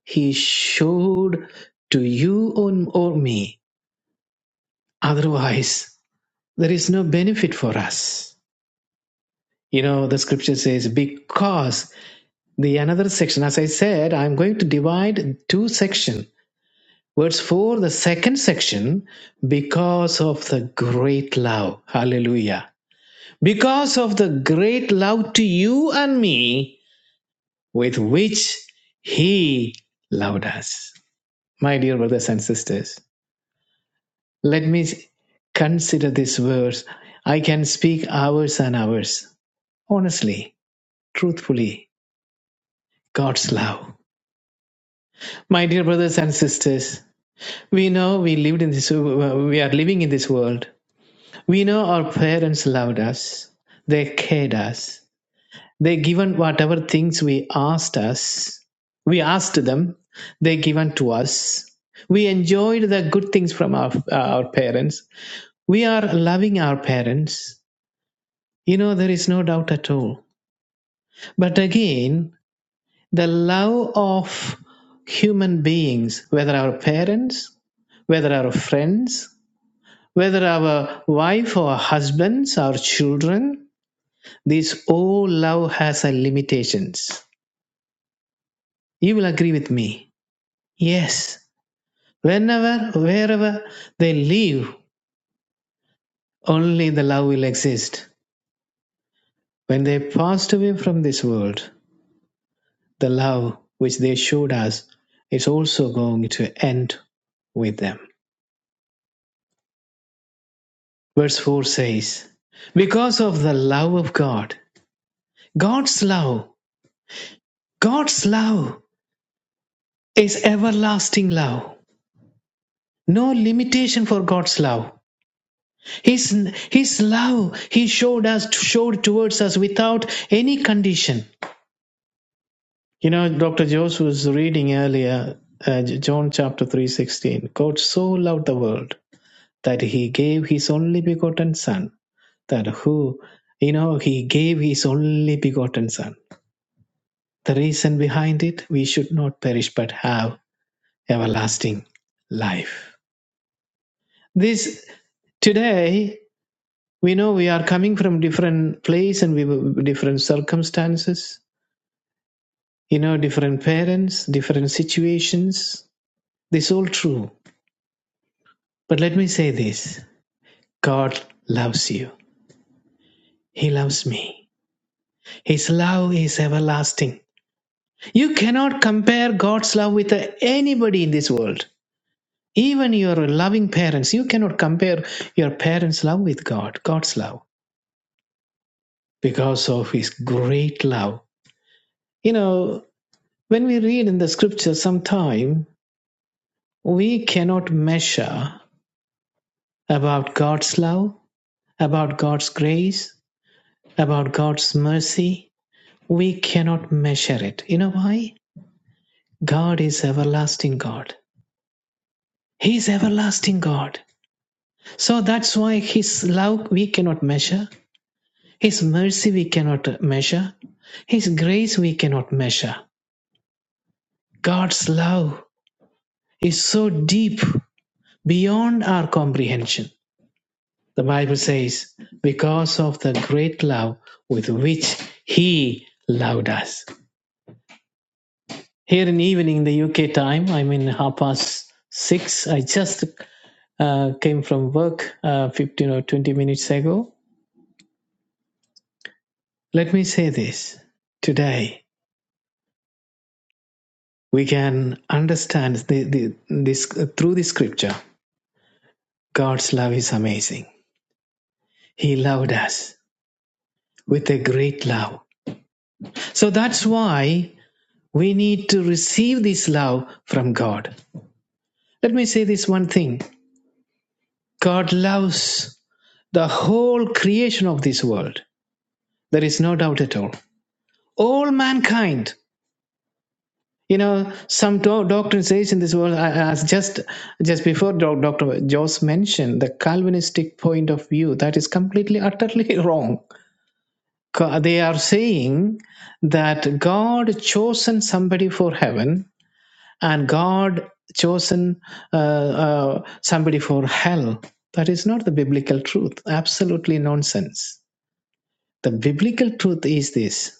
Speaker 3: He showed to you or me. Otherwise, there is no benefit for us. You know, the scripture says, because the another section, as I said, I'm going to divide two sections Verse 4, the second section, because of the great love. Hallelujah. Because of the great love to you and me with which he loved us. My dear brothers and sisters, let me consider this verse. I can speak hours and hours, honestly, truthfully, God's love. My dear brothers and sisters, we know we lived in this, we are living in this world We know our parents loved us. They cared us. They given whatever things we asked us. We asked them. They given to us. We enjoyed the good things from our, uh, our parents. We are loving our parents. You know, there is no doubt at all. But again, the love of human beings, whether our parents, whether our friends, whether our wife or husbands, our children, This all love has a limitations. You will agree with me. Yes. Whenever, wherever they live, only the love will exist. When they passed away from this world, the love which they showed us is also going to end with them. Verse 4 says, Because of the love of God, God's love, God's love is everlasting love. No limitation for God's love. His, his love he showed us showed towards us without any condition. You know, Dr. Jose was reading earlier uh, John chapter 3:16. God so loved the world that he gave his only begotten son that who you know he gave his only begotten son. The reason behind it we should not perish but have everlasting life. This today we know we are coming from different place and we different circumstances you know different parents different situations this is all true but let me say this god loves you he loves me his love is everlasting you cannot compare god's love with uh, anybody in this world even your loving parents you cannot compare your parents love with god god's love because of his great love you know when we read in the scripture sometime We cannot measure about God's love, about God's grace, about God's mercy. We cannot measure it. You know why? God is everlasting God. He is everlasting God. So that's why His love we cannot measure. His mercy we cannot measure. His grace we cannot measure. God's love is so deep beyond our comprehension. The Bible says, because of the great love with which He loved us. Here in the evening, the UK time, I'm in half past six. I just uh, came from work uh, 15 or 20 minutes ago. Let me say this today we can understand the, the, this uh, through the scripture god's love is amazing he loved us with a great love so that's why we need to receive this love from god Let me say this one thing God loves the whole creation of this world. There is no doubt at all. All mankind. You know, some do- doctrine says in this world, I- as just just before doc- Dr. Joss mentioned, the Calvinistic point of view, that is completely, utterly wrong. Ca- They are saying that God chosen somebody for heaven and God chosen uh, uh, somebody for hell. That is not the biblical truth. Absolutely nonsense. The biblical truth is this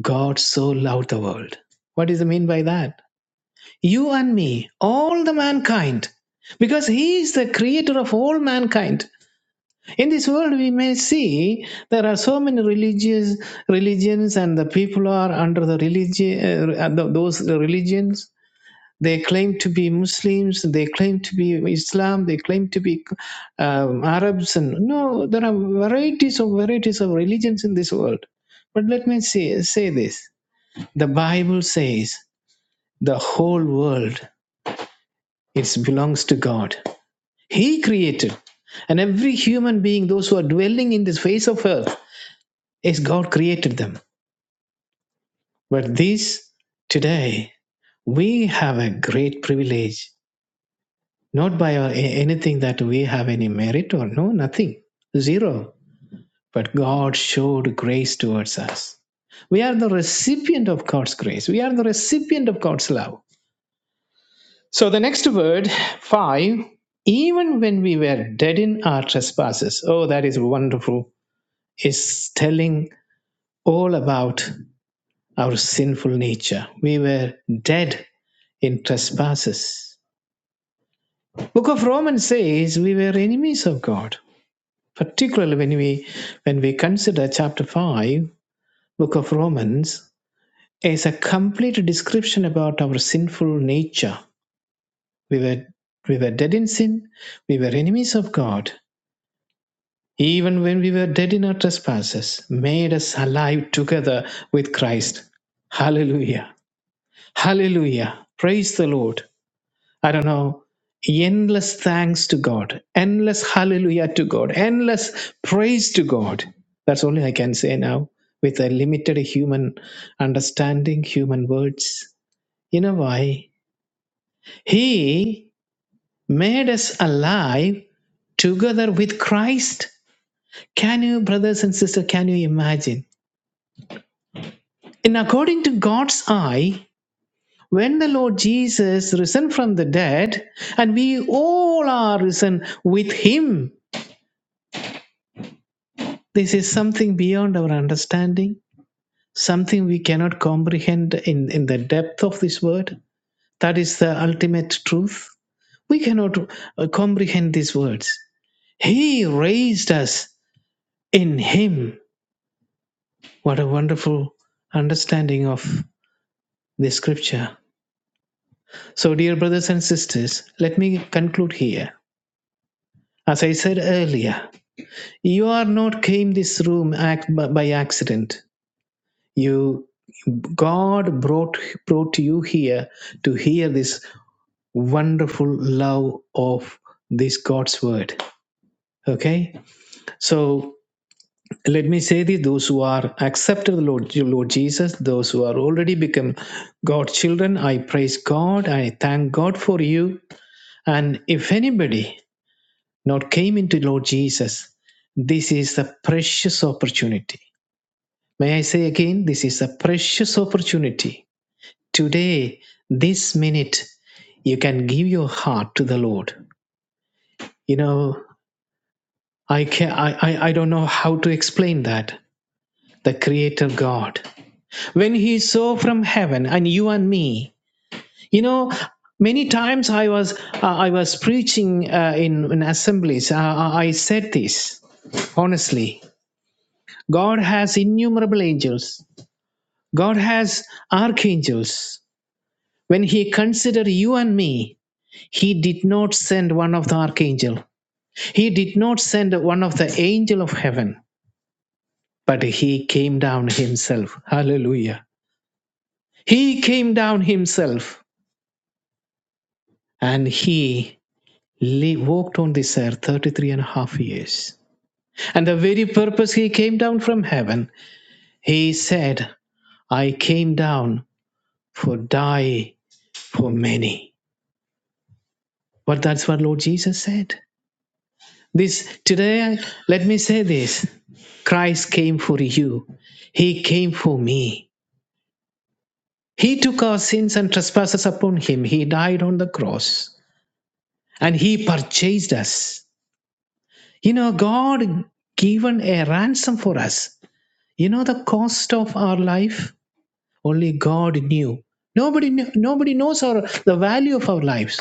Speaker 3: God so loved the world. What does it mean by that? You and me, all the mankind, because He is the creator of all mankind. In this world, we may see there are so many religious religions, and the people are under the religion, uh, those religions They claim to be Muslims, they claim to be Islam, they claim to be um, Arabs, and no, there are varieties of varieties of religions in this world. But let me say, say this: the Bible says the whole world it belongs to God. He created, and every human being, those who are dwelling in this face of earth, is God created them. But these today we have a great privilege not by uh, a- anything that we have any merit or no, nothing, zero. But God showed grace towards us. We are the recipient of God's grace. We are the recipient of God's love. So the next word, five, even when we were dead in our trespasses, oh, that is wonderful, is telling all about our sinful nature. We were dead in trespasses. Book of Romans says we were enemies of God. particularly when we when we consider chapter 5 book of romans is a complete description about our sinful nature we were we were dead in sin we were enemies of god even when we were dead in our trespasses made us alive together with christ hallelujah hallelujah praise the lord I don't know, endless thanks to God, endless hallelujah to God, endless praise to God. That's only I can say now with a limited human understanding, human words. You know why? He made us alive together with Christ. Can you, brothers and sisters, can you imagine? In according to God's eye, when the Lord Jesus risen from the dead, and we all are risen with him This is something beyond our understanding, something we cannot comprehend in, in the depth of this word. That is the ultimate truth. We cannot uh, comprehend these words. He raised us in Him. What a wonderful understanding of the scripture. So, dear brothers and sisters, let me conclude here. As I said earlier, you are not came this room act by by accident. you god brought brought you here to hear this wonderful love of this god's word okay so let me say this those who are accepted the lord, lord jesus those who are already become god's children i praise god i thank god for you and if anybody not came into lord jesus this is a precious opportunity may i say again this is a precious opportunity Today, this minute, you can give your heart to the Lord. You know, I can I, I, I don't know how to explain that. The Creator God. When He saw from heaven and you and me, you know, many times I was uh, I was preaching uh, in, in assemblies. Uh, uh, I said this honestly god has innumerable angels god has archangels when he considered you and me he did not send one of the archangel he did not send one of the angel of heaven but he came down himself hallelujah he came down himself and he walked on this earth 33 and a half years and the very purpose he came down from heaven he said i came down for die for many but that's what lord jesus said This today, let me say this Christ came for you, He came for me. He took our sins and trespasses upon Him, He died on the cross, and He purchased us. You know, God given a ransom for us. You know the cost of our life? Only God knew. Nobody knew, nobody knows our the value of our lives.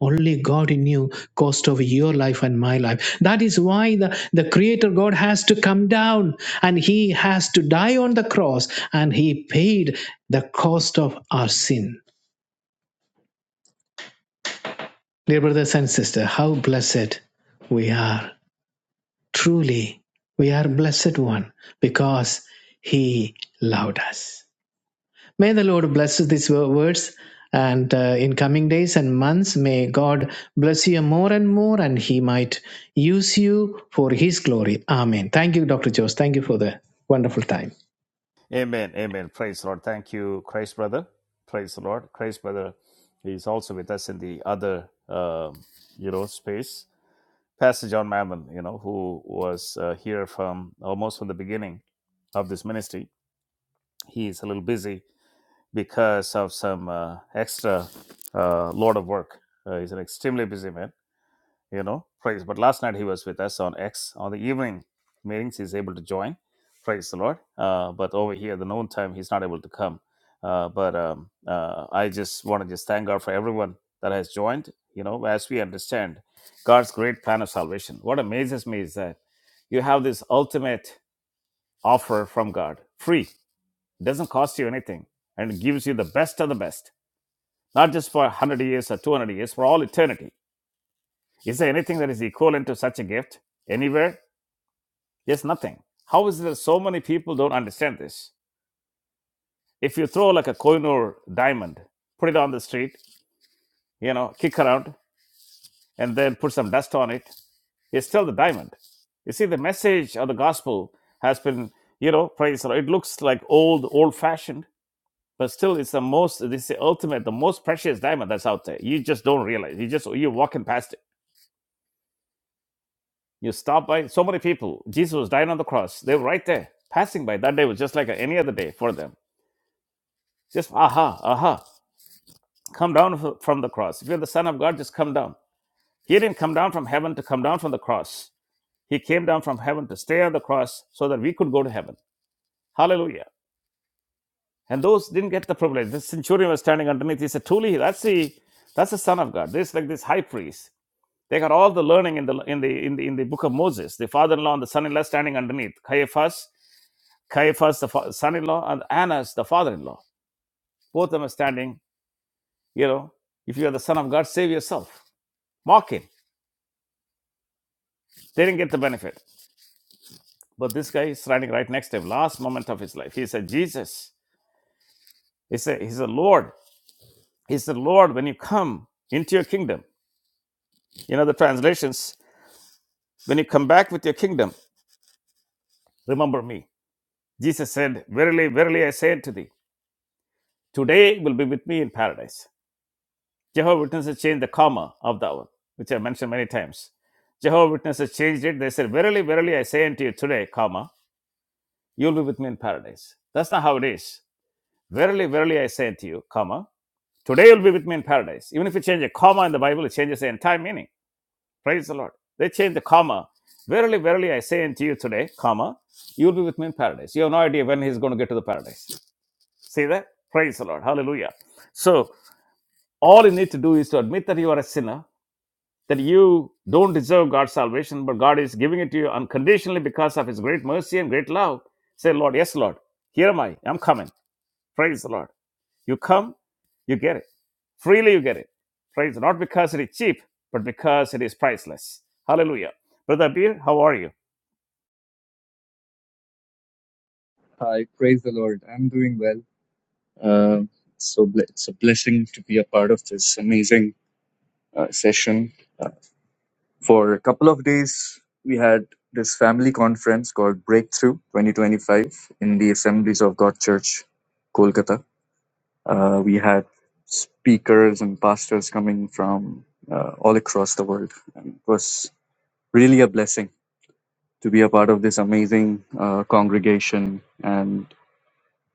Speaker 3: Only God knew cost of your life and my life. That is why the, the Creator God has to come down and He has to die on the cross and He paid the cost of our sin. Dear brothers and sisters, how blessed we are. Truly, we are blessed one because He loved us. May the Lord bless these words. And uh, in coming days and months, may God bless you more and more, and He might use you for His glory. Amen. Thank you, Dr. Jose. Thank you for the wonderful time.
Speaker 1: Amen. Amen. Praise the Lord. Thank you, Christ brother. Praise the Lord. Christ brother is also with us in the other, um, you know, space. Pastor John Mammon, you know, who was uh, here from almost from the beginning of this ministry. He is a little busy because of some uh, extra uh, load of work. Uh, he's an extremely busy man you know, praise. But last night he was with us on X on the evening meetings. He's able to join, praise the Lord. Uh, but over here, the noon time, he's not able to come. Uh, but um, uh, I just want to just thank God for everyone that has joined. You know, as we understand God's great plan of salvation. What amazes me is that you have this ultimate offer from God, free, doesn't cost you anything, and it gives you the best of the best, not just for 100 years or 200 years, for all eternity is there anything that is equivalent to such a gift anywhere? Yes, nothing. How is it that so many people don't understand this? If you throw like a coin or diamond, put it on the street, you know, kick around, and then put some dust on it, it's still the diamond. You see, the message of the gospel has been, you know, praise the Lord. It looks like old, old fashioned, but still it's the most, this is the ultimate, the most precious diamond that's out there. You just don't realize. You just, you're walking past it You stop by so many people. Jesus was dying on the cross. They were right there, passing by. That day was just like any other day for them. Just aha, aha. Come down f- from the cross. If you're the Son of God, just come down. He didn't come down from heaven to come down from the cross. He came down from heaven to stay on the cross so that we could go to heaven. Hallelujah. And those didn't get the privilege. This centurion was standing underneath. He said, Truly, that's the that's the Son of God. This like this high priest. They got all the learning in the in the in the in the book of Moses. The father-in-law and the son-in-law standing underneath. Caiaphas Caiaphas, the son-in-law, and Annas, the father-in-law. Both of them are standing, you know, if you are the son of God, save yourself. Mock him. They didn't get the benefit. But this guy is standing right next to him, last moment of his life. He said, Jesus. He said, He's a Lord. He's the Lord when you come into your kingdom. In other translations, when you come back with your kingdom, remember me. Jesus said, Verily, verily, I say unto thee, today will be with me in paradise. Jehovah Witnesses changed the comma of the hour, which I mentioned many times. Jehovah Witnesses changed it. They said, Verily, verily, I say unto you today, comma, you'll be with me in paradise. That's not how it is. Verily, verily, I say unto you, comma, today you'll be with me in paradise. Even if you change a comma in the Bible, it changes the entire meaning. Praise the Lord. They changed the comma. Verily, verily, I say unto you today, comma, you'll be with me in paradise. You have no idea when he's going to get to the paradise. See that? Praise the Lord. Hallelujah. So all you need to do is to admit that you are a sinner that you don't deserve God's salvation, but God is giving it to you unconditionally because of His great mercy and great love. Say, Lord, yes, Lord, here am I. I'm coming. Praise the Lord. You come, you get it. Freely you get it. Praise the Lord. Not because it is cheap, but because it is priceless. Hallelujah. Brother Beer, how are you?
Speaker 4: Hi, praise the Lord. I'm doing well. Um so ble- it's a blessing to be a part of this amazing uh, session. Uh, for a couple of days, we had this family conference called Breakthrough 2025 in the Assemblies of God Church, Kolkata. Uh, we had speakers and pastors coming from uh, all across the world. And it was really a blessing to be a part of this amazing uh, congregation And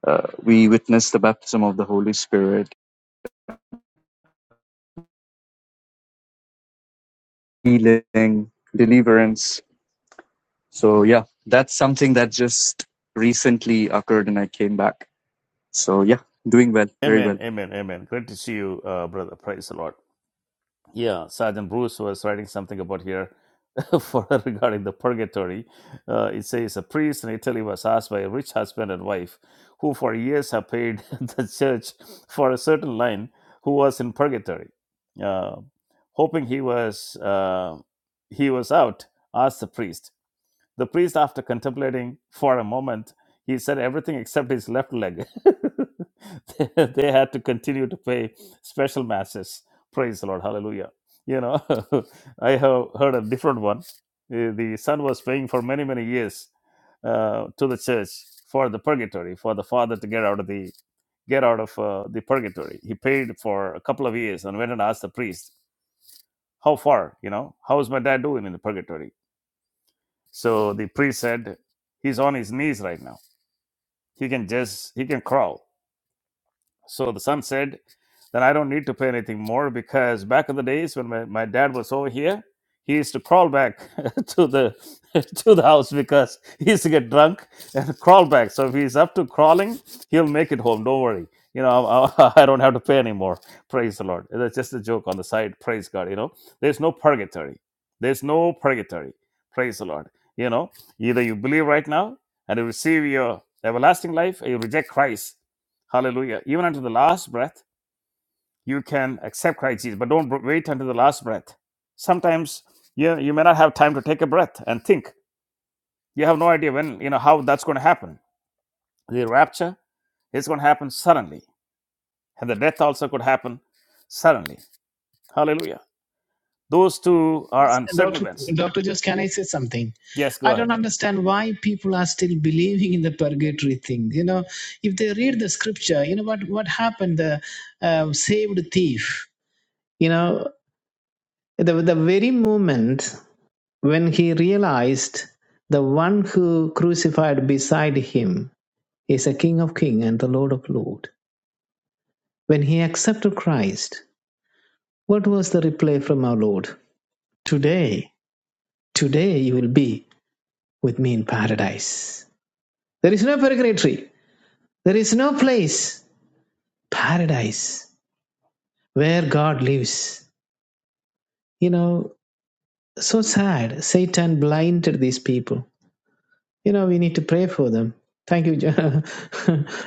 Speaker 4: Uh, we witnessed the baptism of the Holy Spirit, healing, deliverance. So, yeah, that's something that just recently occurred and I came back. So, yeah, doing well, very
Speaker 1: Amen,
Speaker 4: well.
Speaker 1: amen, amen. Great to see you, uh, brother. Praise the Lord. Yeah, Sergeant Bruce was writing something about here for regarding the purgatory. Uh, it says a priest in Italy was asked by a rich husband and wife who for years have paid the church for a certain line who was in purgatory. Uh, hoping he was uh, he was out, asked the priest the priest, after contemplating for a moment, he said everything except his left leg. they they had to continue to pay special masses. Praise the Lord. Hallelujah. You know, I have heard a different one. Uh, The son was paying for many, many years uh, to the church for the purgatory, for the father to get out of the get out of uh, the purgatory. He paid for a couple of years and went and asked the priest, "How far? You know, how is my dad doing in the purgatory?" So the priest said, He's on his knees right now. He can just, he can crawl. So the son said, Then I don't need to pay anything more because back in the days when my, my dad was over here, he used to crawl back to the to the house because he used to get drunk and crawl back. So if he's up to crawling, he'll make it home. Don't worry. You know, I, I don't have to pay anymore. Praise the Lord. That's just a joke on the side. Praise God. You know, there's no purgatory. There's no purgatory. Praise the Lord. You know, either you believe right now and you receive your everlasting life or you reject Christ Hallelujah. Even until the last breath, you can accept Christ Jesus, but don't br- wait until the last breath. Sometimes you, you may not have time to take a breath and think. You have no idea when, you know, how that's going to happen. The rapture is going to happen suddenly, and the death also could happen suddenly. Hallelujah. Those two are uncertain
Speaker 3: Dr.
Speaker 1: events.
Speaker 3: Dr. Jose, can I say something?
Speaker 1: Yes,
Speaker 3: I
Speaker 1: go
Speaker 3: don't
Speaker 1: ahead.
Speaker 3: understand why people are still believing in the purgatory thing. You know, if they read the scripture, you know what, what happened? The uh, saved thief, you know, the, the very moment When he realized the one who crucified beside him is a King of Kings and the Lord of Lords, when he accepted Christ, what was the reply from our Lord? Today, today you will be with me in paradise. There is no purgatory. There is no place, paradise, where God lives. You know, so sad. Satan blinded these people. you know we need to pray for them thank you Jo-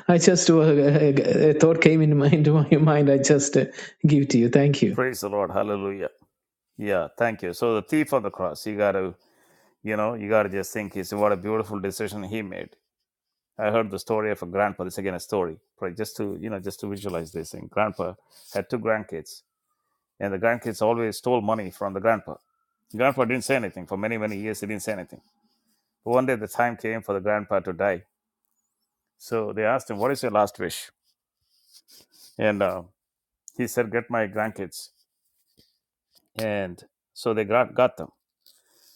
Speaker 3: i just uh, uh, a thought came into my, into my mind i just uh, give to you thank you
Speaker 1: Praise the Lord. Hallelujah. Yeah, thank you. So the thief on the cross, you got to, you know, you got to just think, is what a beautiful decision he made I heard the story of a grandpa. This again a story, right? Just to you know, just to visualize this thing. Grandpa had two grandkids, and the grandkids always stole money from the grandpa. The Grandpa didn't say anything for many many years. He didn't say anything. But One day, the time came for the grandpa to die. So they asked him, "What is your last wish?" And uh, he said, "Get my grandkids." And so they got got them,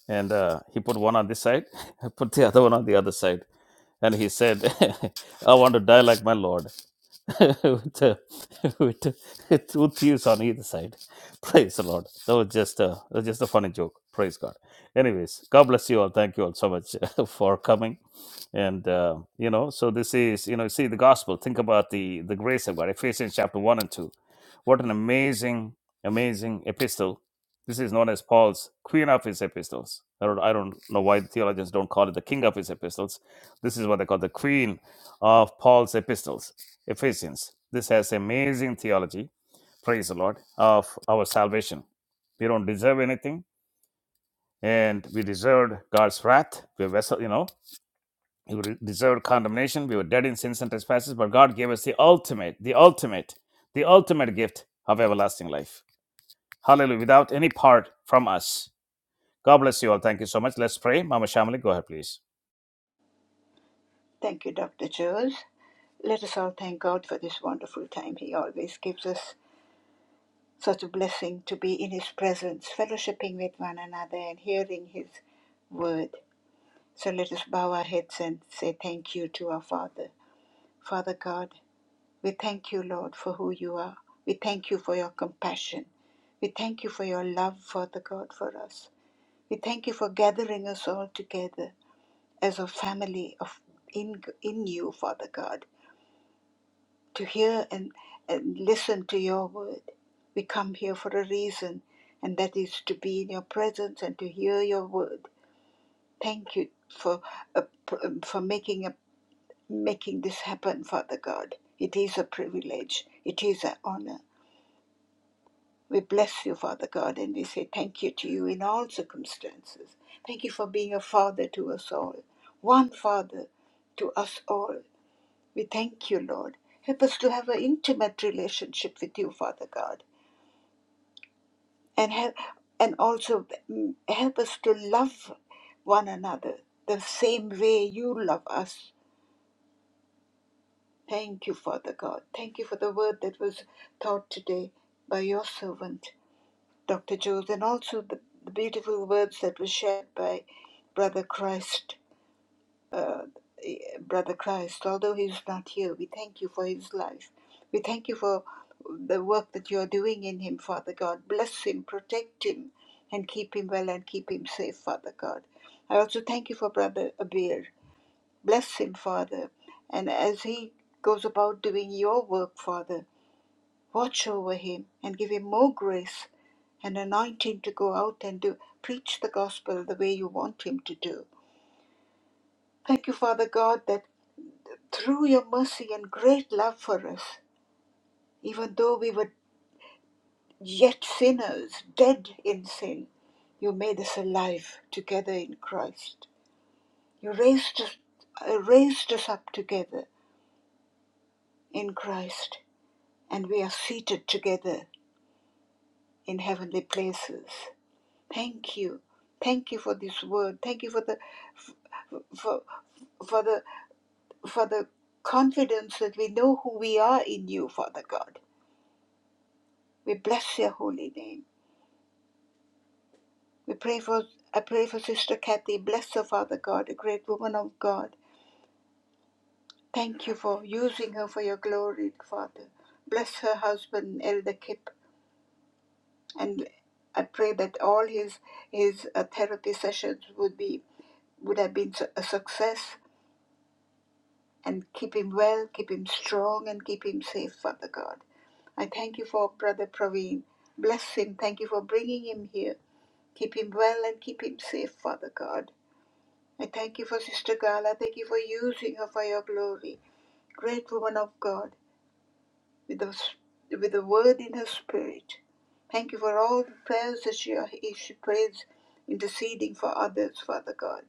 Speaker 1: and uh, he put one on this side, put the other one on the other side, and he said, "I want to die like my lord." with, uh, with, with with thieves on either side. Praise the Lord. That was just a that was just a funny joke. Praise God. Anyways, God bless you all. Thank you all so much for coming. And uh, you know, so this is you know, see the gospel. Think about the the grace of God. Ephesians chapter one and two. What an amazing, amazing epistle. This is known as Paul's queen of his epistles. I don't, I don't know why the theologians don't call it the king of his epistles. This is what they call the queen of Paul's epistles Ephesians. This has amazing theology, praise the Lord, of our salvation. We don't deserve anything, and we deserved God's wrath. We were vessel, you know, we were- deserved condemnation. We were dead in sins and trespasses, but God gave us the ultimate, the ultimate, the ultimate gift of everlasting life. Hallelujah, without any part from us. God bless you all. Thank you so much. Let's pray. Mama Shamali, go ahead, please.
Speaker 2: Thank you, Dr. Charles. Let us all thank God for this wonderful time He always gives us such a blessing to be in His presence, fellowshipping with one another and hearing His word. So let us bow our heads and say thank you to our Father. Father God, we thank you, Lord, for who you are. We thank you for your compassion. We thank you for your love, Father God, for us. We thank you for gathering us all together as a family of in, in you, Father God. to hear and, and listen to your word. We come here for a reason, and that is to be in your presence and to hear your word. Thank you for uh, um, for making a, making this happen, Father God. It is a privilege. It is an honor. We bless you, Father God, and we say thank you to you in all circumstances. Thank you for being a father to us all, one father to us all. We thank you, Lord. Help us to have an intimate relationship with you, Father God, and help, and also mm, help us to love one another the same way you love us. Thank you, Father God. Thank you for the word that was taught today by your servant, Dr. Jones, and also the, the beautiful words that were shared by Brother Christ. uh, Brother Christ, although he is not here, we thank you for his life. We thank you for the work that you are doing in him, Father God. Bless him, protect him, and keep him well and keep him safe, Father God. I also thank you for Brother Abir. Bless him, Father. And as he goes about doing your work, Father, watch over him and give him more grace and anoint him to go out and do preach the gospel the way you want him to do. Thank you, Father God, that Through your mercy and great love for us, even though we were yet sinners, dead in sin, you made us alive together in Christ. You raised us, uh, raised us up together in Christ, and we are seated together in heavenly places. Thank you. Thank you for this word. Thank you for the for, for the for the confidence that we know who we are in you, Father God. We bless your holy name. We pray for I pray for Sister Kathy. Bless her, Father God, a great woman of God. Thank you for using her for your glory, Father. Bless her husband, Elder Kip, and I pray that all his his uh, therapy sessions would be would have been a success. And keep him well, keep him strong, and keep him safe, Father God. I thank you for Brother Praveen. Bless him. Thank you for bringing him here. Keep him well and keep him safe, Father God. I thank you for Sister Gala. thank you for using her for your glory. Great woman of God, with the, with the word in her spirit. Thank you for all the prayers that she, she prays, interceding for others, Father God.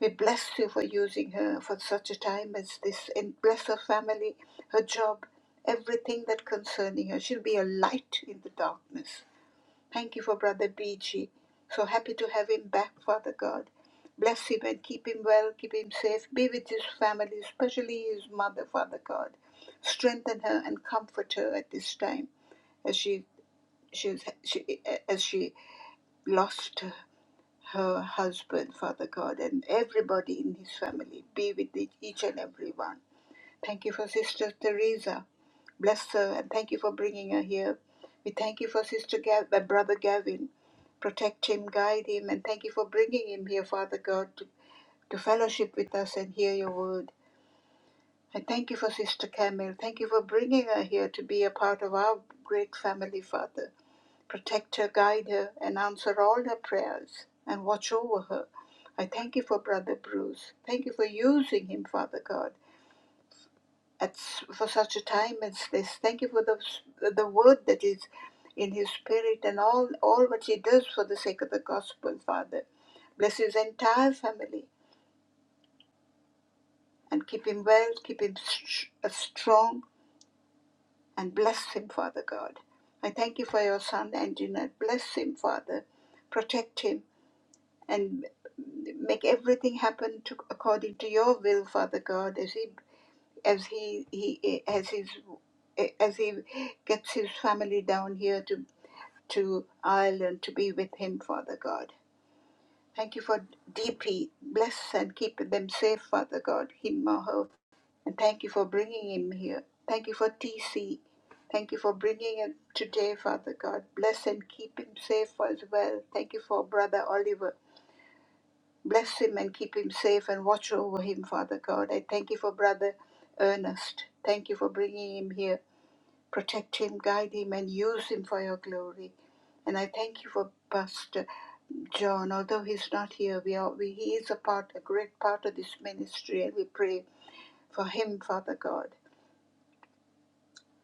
Speaker 2: We bless you for using her for such a time as this, and bless her family, her job, everything that concerning her. She'll be a light in the darkness. Thank you for Brother BG. So happy to have him back, Father God. Bless him and keep him well, keep him safe. Be with his family, especially his mother, Father God. Strengthen her and comfort her at this time as she, she's, she, as she lost her husband, Father God, and everybody in his family. Be with each and every one. Thank you for Sister Teresa. Bless her and thank you for bringing her here. We thank you for Sister Gav, uh, Brother Gavin. Protect him, guide him, and thank you for bringing him here, Father God, to, to fellowship with us and hear your word. I thank you for Sister Camille. Thank you for bringing her here to be a part of our great family, Father. Protect her, guide her, and answer all her prayers and watch over her. I thank you for Brother Bruce. Thank you for using him, Father God at, for such a time as this. Thank you for the, the word that is in his spirit and all, all what he does for the sake of the gospel, Father. Bless his entire family and keep him well, keep him st- uh, strong, and bless him, Father God. I thank you for your son, Angelina. Bless him, Father. Protect him and make everything happen to, according to your will, Father God, as he as he he eh, as he's eh, as he gets his family down here to to Ireland to be with him, Father God. Thank you for DP. Bless and keep them safe, Father God, him or her. And thank you for bringing him here. Thank you for TC. Thank you for bringing him today, Father God. Bless and keep him safe as well. Thank you for Brother Oliver. Bless him and keep him safe and watch over him, Father God. I thank you for Brother Ernest. Thank you for bringing him here. Protect him, guide him, and use him for your glory. And I thank you for Pastor John. Although he's not here, we are, we, he is a part, a great part of this ministry, and we pray for him, Father God,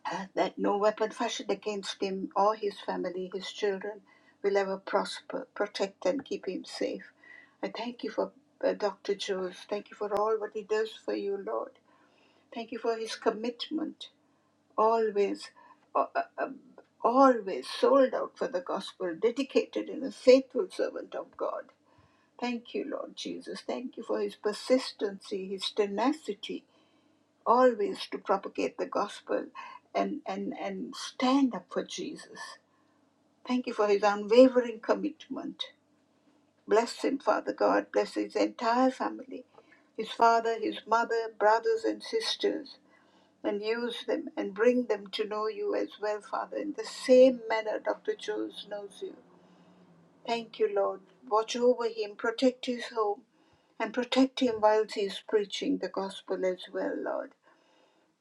Speaker 2: uh, that no weapon fashioned against him or his family, his children, will ever prosper. Protect and keep him safe. I thank you for uh, Dr. Jones. Thank you for all what he does for you, Lord. Thank you for his commitment. always uh, uh, uh, always sold out for the gospel dedicated and a faithful servant of god thank you lord jesus thank you for his persistency his tenacity always to propagate the gospel and and and stand up for jesus thank you for his unwavering commitment bless him father god bless his entire family his father his mother brothers and sisters and use them and bring them to know you as well, Father, in the same manner Dr. Jones knows you. Thank you, Lord. Watch over him, protect his home, and protect him whilst he is preaching the gospel as well, Lord.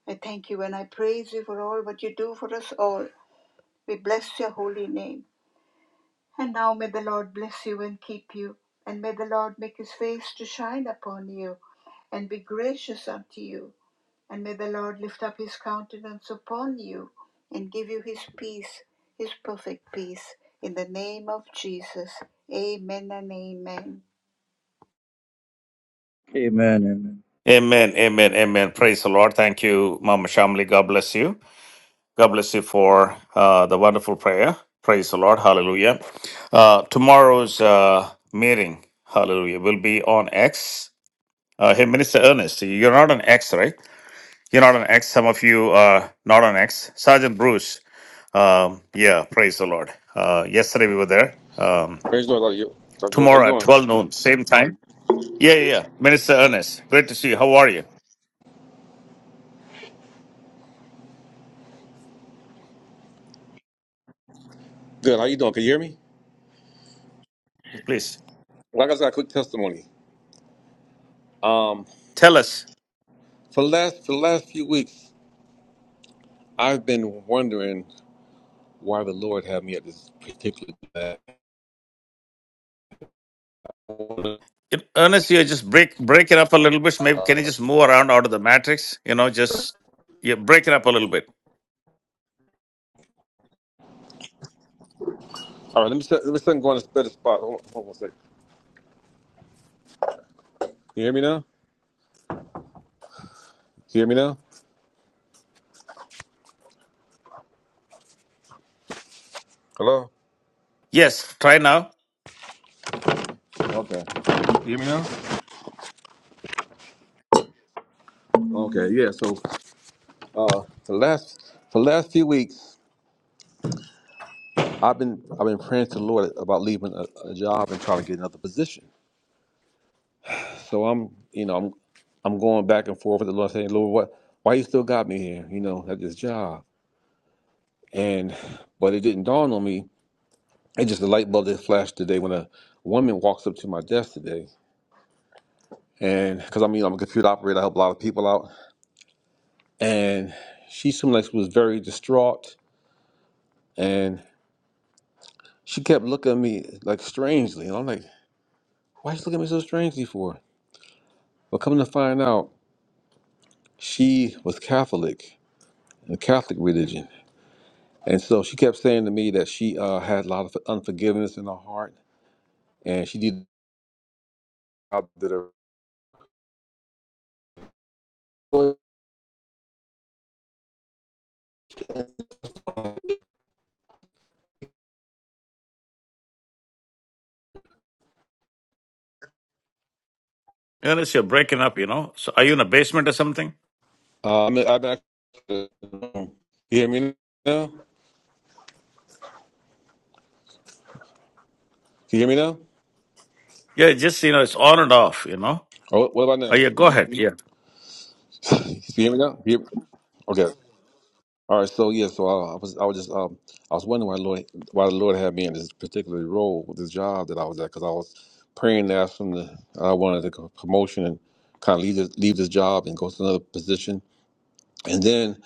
Speaker 2: I thank you and I praise you for all what you do for us all. We bless your holy name. And now may the Lord bless you and keep you, and may the Lord make his face to shine upon you and be gracious unto you. And may the Lord lift up his countenance upon you and give you his peace, his perfect peace. In the name of Jesus. Amen and amen.
Speaker 4: Amen. Amen.
Speaker 1: Amen, amen, amen. Praise the Lord. Thank you, Mama Shamli. God bless you. God bless you for uh, the wonderful prayer. Praise the Lord. Hallelujah. Uh, tomorrow's uh, meeting, hallelujah, will be on X. Uh, hey, Minister Ernest, you're not on X, right? You're not on X. Some of you are not on X. Sergeant Bruce, um, yeah, praise the Lord. Uh, yesterday we were there. Um,
Speaker 5: Praise the Lord, Dr. Dr. Jones. How you
Speaker 1: tomorrow at
Speaker 5: doing?
Speaker 1: 12 noon, same time. Yeah, yeah, yeah. Minister Ernest, great to see you. How are you?
Speaker 5: Good. How you doing? Can you hear me?
Speaker 1: Please
Speaker 5: Well, I just got a quick testimony. Um,
Speaker 1: tell us
Speaker 5: for the last for the last few weeks, I've been wondering why the Lord had me at this particular. bad corner.
Speaker 1: In- Ernest, you just break break it up a little bit. Maybe can you just move around out of the matrix? You know, just yeah, break it up a little bit.
Speaker 5: All right, let me set, let me set and go on this better spot. Hold on, hold on a second. Can you hear me now? Can you hear me now? Hello.
Speaker 1: Yes, try now.
Speaker 5: Okay. Can you hear me now? Okay. Yeah. So, uh, for the last for the last few weeks, I've been I've been praying to the Lord about leaving a, a job and trying to get another position. So I'm, you know, I'm, I'm going back and forth with the Lord, saying, Lord, what, why you still got me here? You know, at this job. And, but it didn't dawn on me. It just a light bulb that flashed today when a woman walks up to my desk today, and because I mean I'm a computer operator, I help a lot of people out, and she seemed like she was very distraught, and she kept looking at me like strangely, and I'm like, why is she looking at me so strangely for? But coming to find out, she was Catholic, in the Catholic religion And so she kept saying to me that she uh, had a lot of unforgiveness in her heart, and she did I did her.
Speaker 1: Ernest, you're breaking up. You know, so are you in a basement or something?
Speaker 5: Uh, I mean, I've been. You hear me now? Can you hear me now?
Speaker 1: Yeah, just you know, it's on and off. You know.
Speaker 5: Oh, what about
Speaker 1: Oh,
Speaker 5: now?
Speaker 1: yeah, go ahead. Yeah.
Speaker 5: Can you hear me now? You hear- Okay. All right. So yeah. So I, I was. I was just. Um. I was wondering why Lord, why the Lord had me in this particular role with this job that I was at, because I was praying to ask him to. I wanted a promotion and kind of leave this, leave this job and go to another position. And then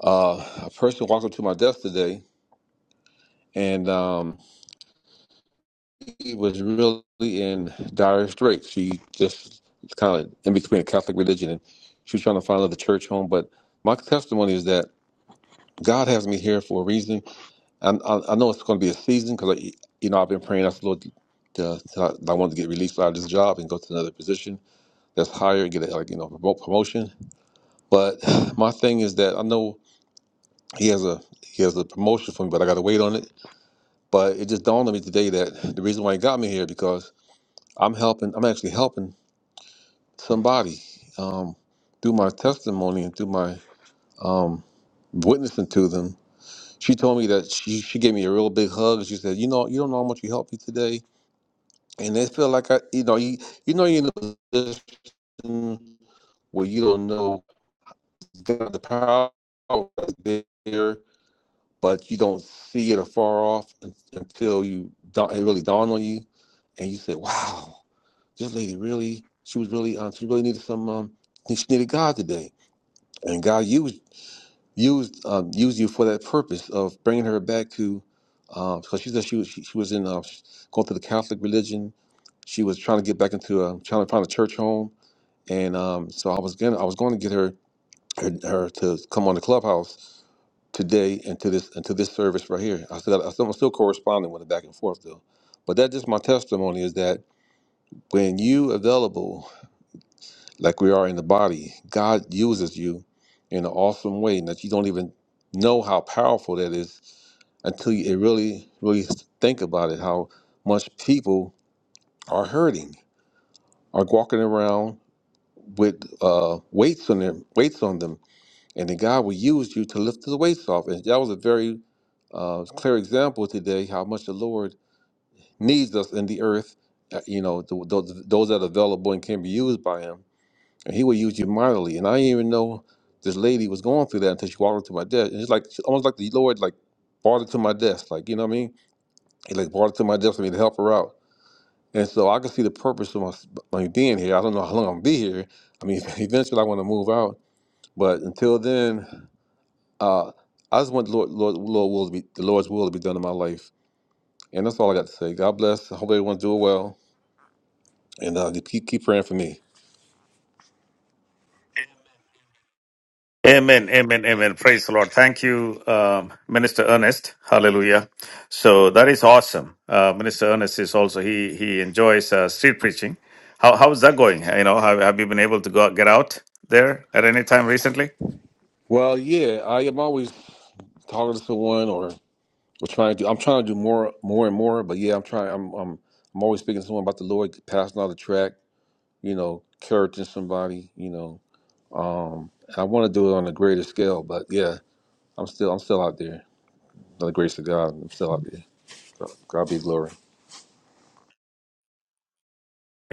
Speaker 5: Uh, a person walked up to my desk today, and um, he was really in dire straits. She just kind of in between a Catholic religion, and she was trying to find another church home. But my testimony is that God has me here for a reason. I, I, I know it's going to be a season because, you know, I've been praying. I said, Lord, to, to, I wanted to get released out of this job and go to another position that's higher and get a like, you know promote promotion. But my thing is that I know he has a he has a promotion for me, but I got to wait on it But it just dawned on me today that the reason why he got me here because I'm helping. I'm actually helping somebody um, through my testimony and through my um, witnessing to them. She told me that she she gave me a real big hug. She said, "You know, you don't know how much you helped me today." And it felt like I, you know, you you know, you know, position where you don't know God, the power is there, but you don't see it afar off until you da- it really dawned on you, and you said, "Wow." This lady really, she was really, uh, she really needed some. Um, she needed God today, and God used used um, used you for that purpose of bringing her back to. Because she said she was she, she was in uh, going through the Catholic religion. She was trying to get back into a trying to find a church home, and um, so I was gonna I was going to get her, her her to come on the clubhouse today and to this and to this service right here. I still I still, I'm still corresponding with it back and forth though, but that just my testimony is that when you available like we are in the body. God uses you in an awesome way that you don't even know how powerful that is until you really, really think about it. How much people are hurting, are walking around with uh, weights on them, weights on them, and then God will use you to lift the weights off. And that was a very uh, clear example today how much the Lord needs us in the earth. uh, You know, th- th- those that are available and can be used by Him and he would use you mightily. And I didn't even know this lady was going through that until she walked up to my desk. And it's like it's almost like the Lord like brought it to my desk, like you know what I mean? He like brought it to my desk for me to help her out. And so I could see the purpose of my, my being here. I don't know how long I'm gonna be here. I mean, eventually I want to move out, but until then, uh, I just want the Lord, Lord, Lord will to be the Lord's will to be done in my life. And that's all I got to say. God bless. I hope everyone's doing well, and uh, keep keep praying for me.
Speaker 1: Amen. Amen. Amen. Praise the Lord. Thank you, um, Minister Ernest. Hallelujah. So that is awesome. Uh, Minister Ernest is also he he enjoys uh, street preaching. How how is that going? You know, have, have you been able to go out- get out there at any time recently?
Speaker 5: Well, yeah, I am always talking to someone or We're trying to do. I'm trying to do more, more and more. But yeah, I'm trying. I'm, I'm, I'm always speaking to someone about the Lord, passing out the track. You know, encouraging somebody. You know, um, I want to do it on a greater scale. But yeah, I'm still, I'm still out there. By the grace of God, I'm still out there. So, God be glory.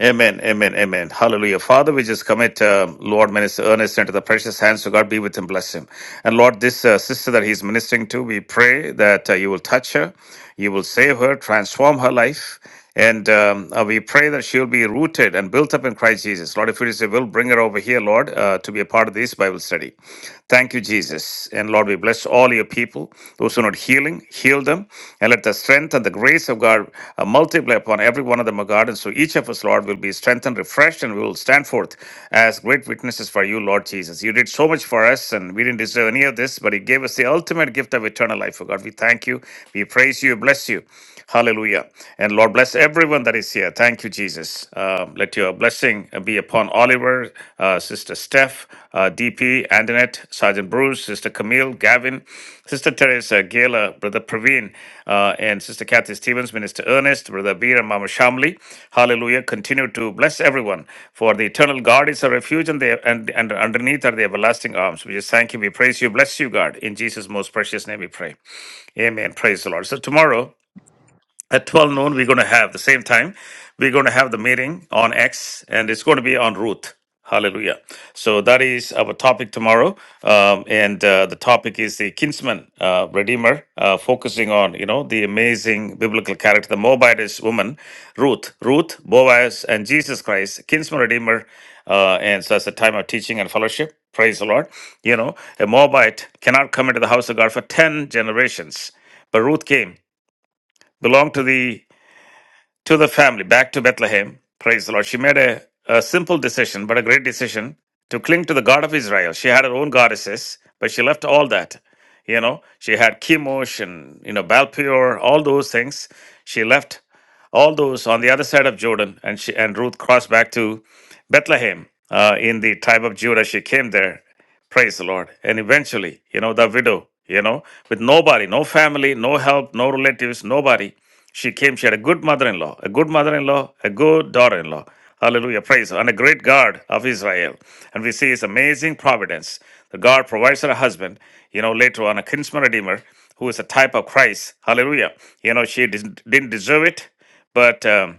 Speaker 1: Amen, amen, amen. Hallelujah. Father, we just commit, um, Lord, Minister Ernest into the precious hands of God. Be with him, bless him. And Lord, this uh, sister that he's ministering to, we pray that uh, you will touch her, you will save her, transform her life. And um, uh, we pray that she will be rooted and built up in Christ Jesus. Lord, if it is your will, bring her over here, Lord, uh, to be a part of this Bible study. Thank you, Jesus. And Lord, we bless all your people, those who need healing, heal them, and let the strength and the grace of God uh, multiply upon every one of them, O God. And so each of us, Lord, will be strengthened, refreshed, and we will stand forth as great witnesses for you, Lord Jesus. You did so much for us, and we didn't deserve any of this, but you gave us the ultimate gift of eternal life, O God. We thank you, we praise you, bless you. Hallelujah. And Lord, bless everyone that is here. Thank you, Jesus. Uh, let your blessing be upon Oliver, uh, Sister Steph, uh, DP, Antoinette, Sergeant Bruce, Sister Camille, Gavin, Sister Teresa, Gayla, Brother Praveen, uh, and Sister Kathy Stevens, Minister Ernest, Brother Bir, and Mama Shamli. Hallelujah. Continue to bless everyone, for the eternal God is a refuge, and, the, and, and underneath are the everlasting arms. We just thank you. We praise you. Bless you, God. In Jesus' most precious name we pray. Amen. Praise the Lord. So tomorrow, at 12 noon we're going to have the same time we're going to have the meeting on x and it's going to be on ruth hallelujah so that is our topic tomorrow um, and uh, the topic is the kinsman uh, redeemer uh, focusing on you know the amazing biblical character the moabitess woman ruth ruth boaz and jesus christ kinsman redeemer uh, and so that's a time of teaching and fellowship praise the lord you know a moabite cannot come into the house of god for 10 generations but ruth came belonged to the to the family, back to Bethlehem. Praise the Lord. She made a, a simple decision, but a great decision to cling to the God of Israel. She had her own goddesses, but she left all that. You know, she had Chemosh and, you know, Balpeor, all those things. She left all those on the other side of Jordan, and she and Ruth crossed back to Bethlehem uh, in the tribe of Judah. She came there Praise the Lord. And eventually, you know, the widow, you know, with nobody, no family, no help, no relatives, nobody, she came. She had a good mother in law, a good mother in law, a good daughter in law. Hallelujah. Praise. the Lord. And a great God of Israel. And we see his amazing providence. The God provides her a husband, you know, later on, a kinsman redeemer who is a type of Christ. Hallelujah. You know, she didn't didn't deserve it, but. Um,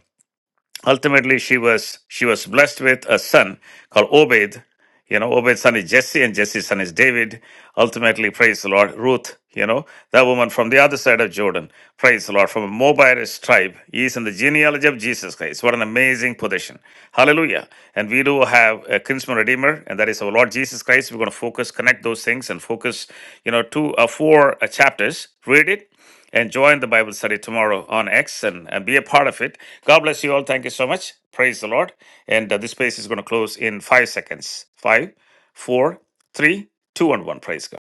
Speaker 1: ultimately she was she was blessed with a son called Obed. You know, Obed's son is Jesse, and Jesse's son is David. Ultimately, praise the Lord, Ruth. You know, that woman from the other side of Jordan, praise the Lord, from a Moabitist tribe, he is in the genealogy of Jesus Christ. What an amazing position! Hallelujah! And we do have a kinsman redeemer, and that is our Lord Jesus Christ. We're going to focus, connect those things, and focus. You know, two or four uh, chapters. Read it and join the Bible study tomorrow on X and, and be a part of it. God bless you all. Thank you so much. Praise the Lord. And uh, this space is going to close in five seconds. Five, four, three, two, and one. Praise God.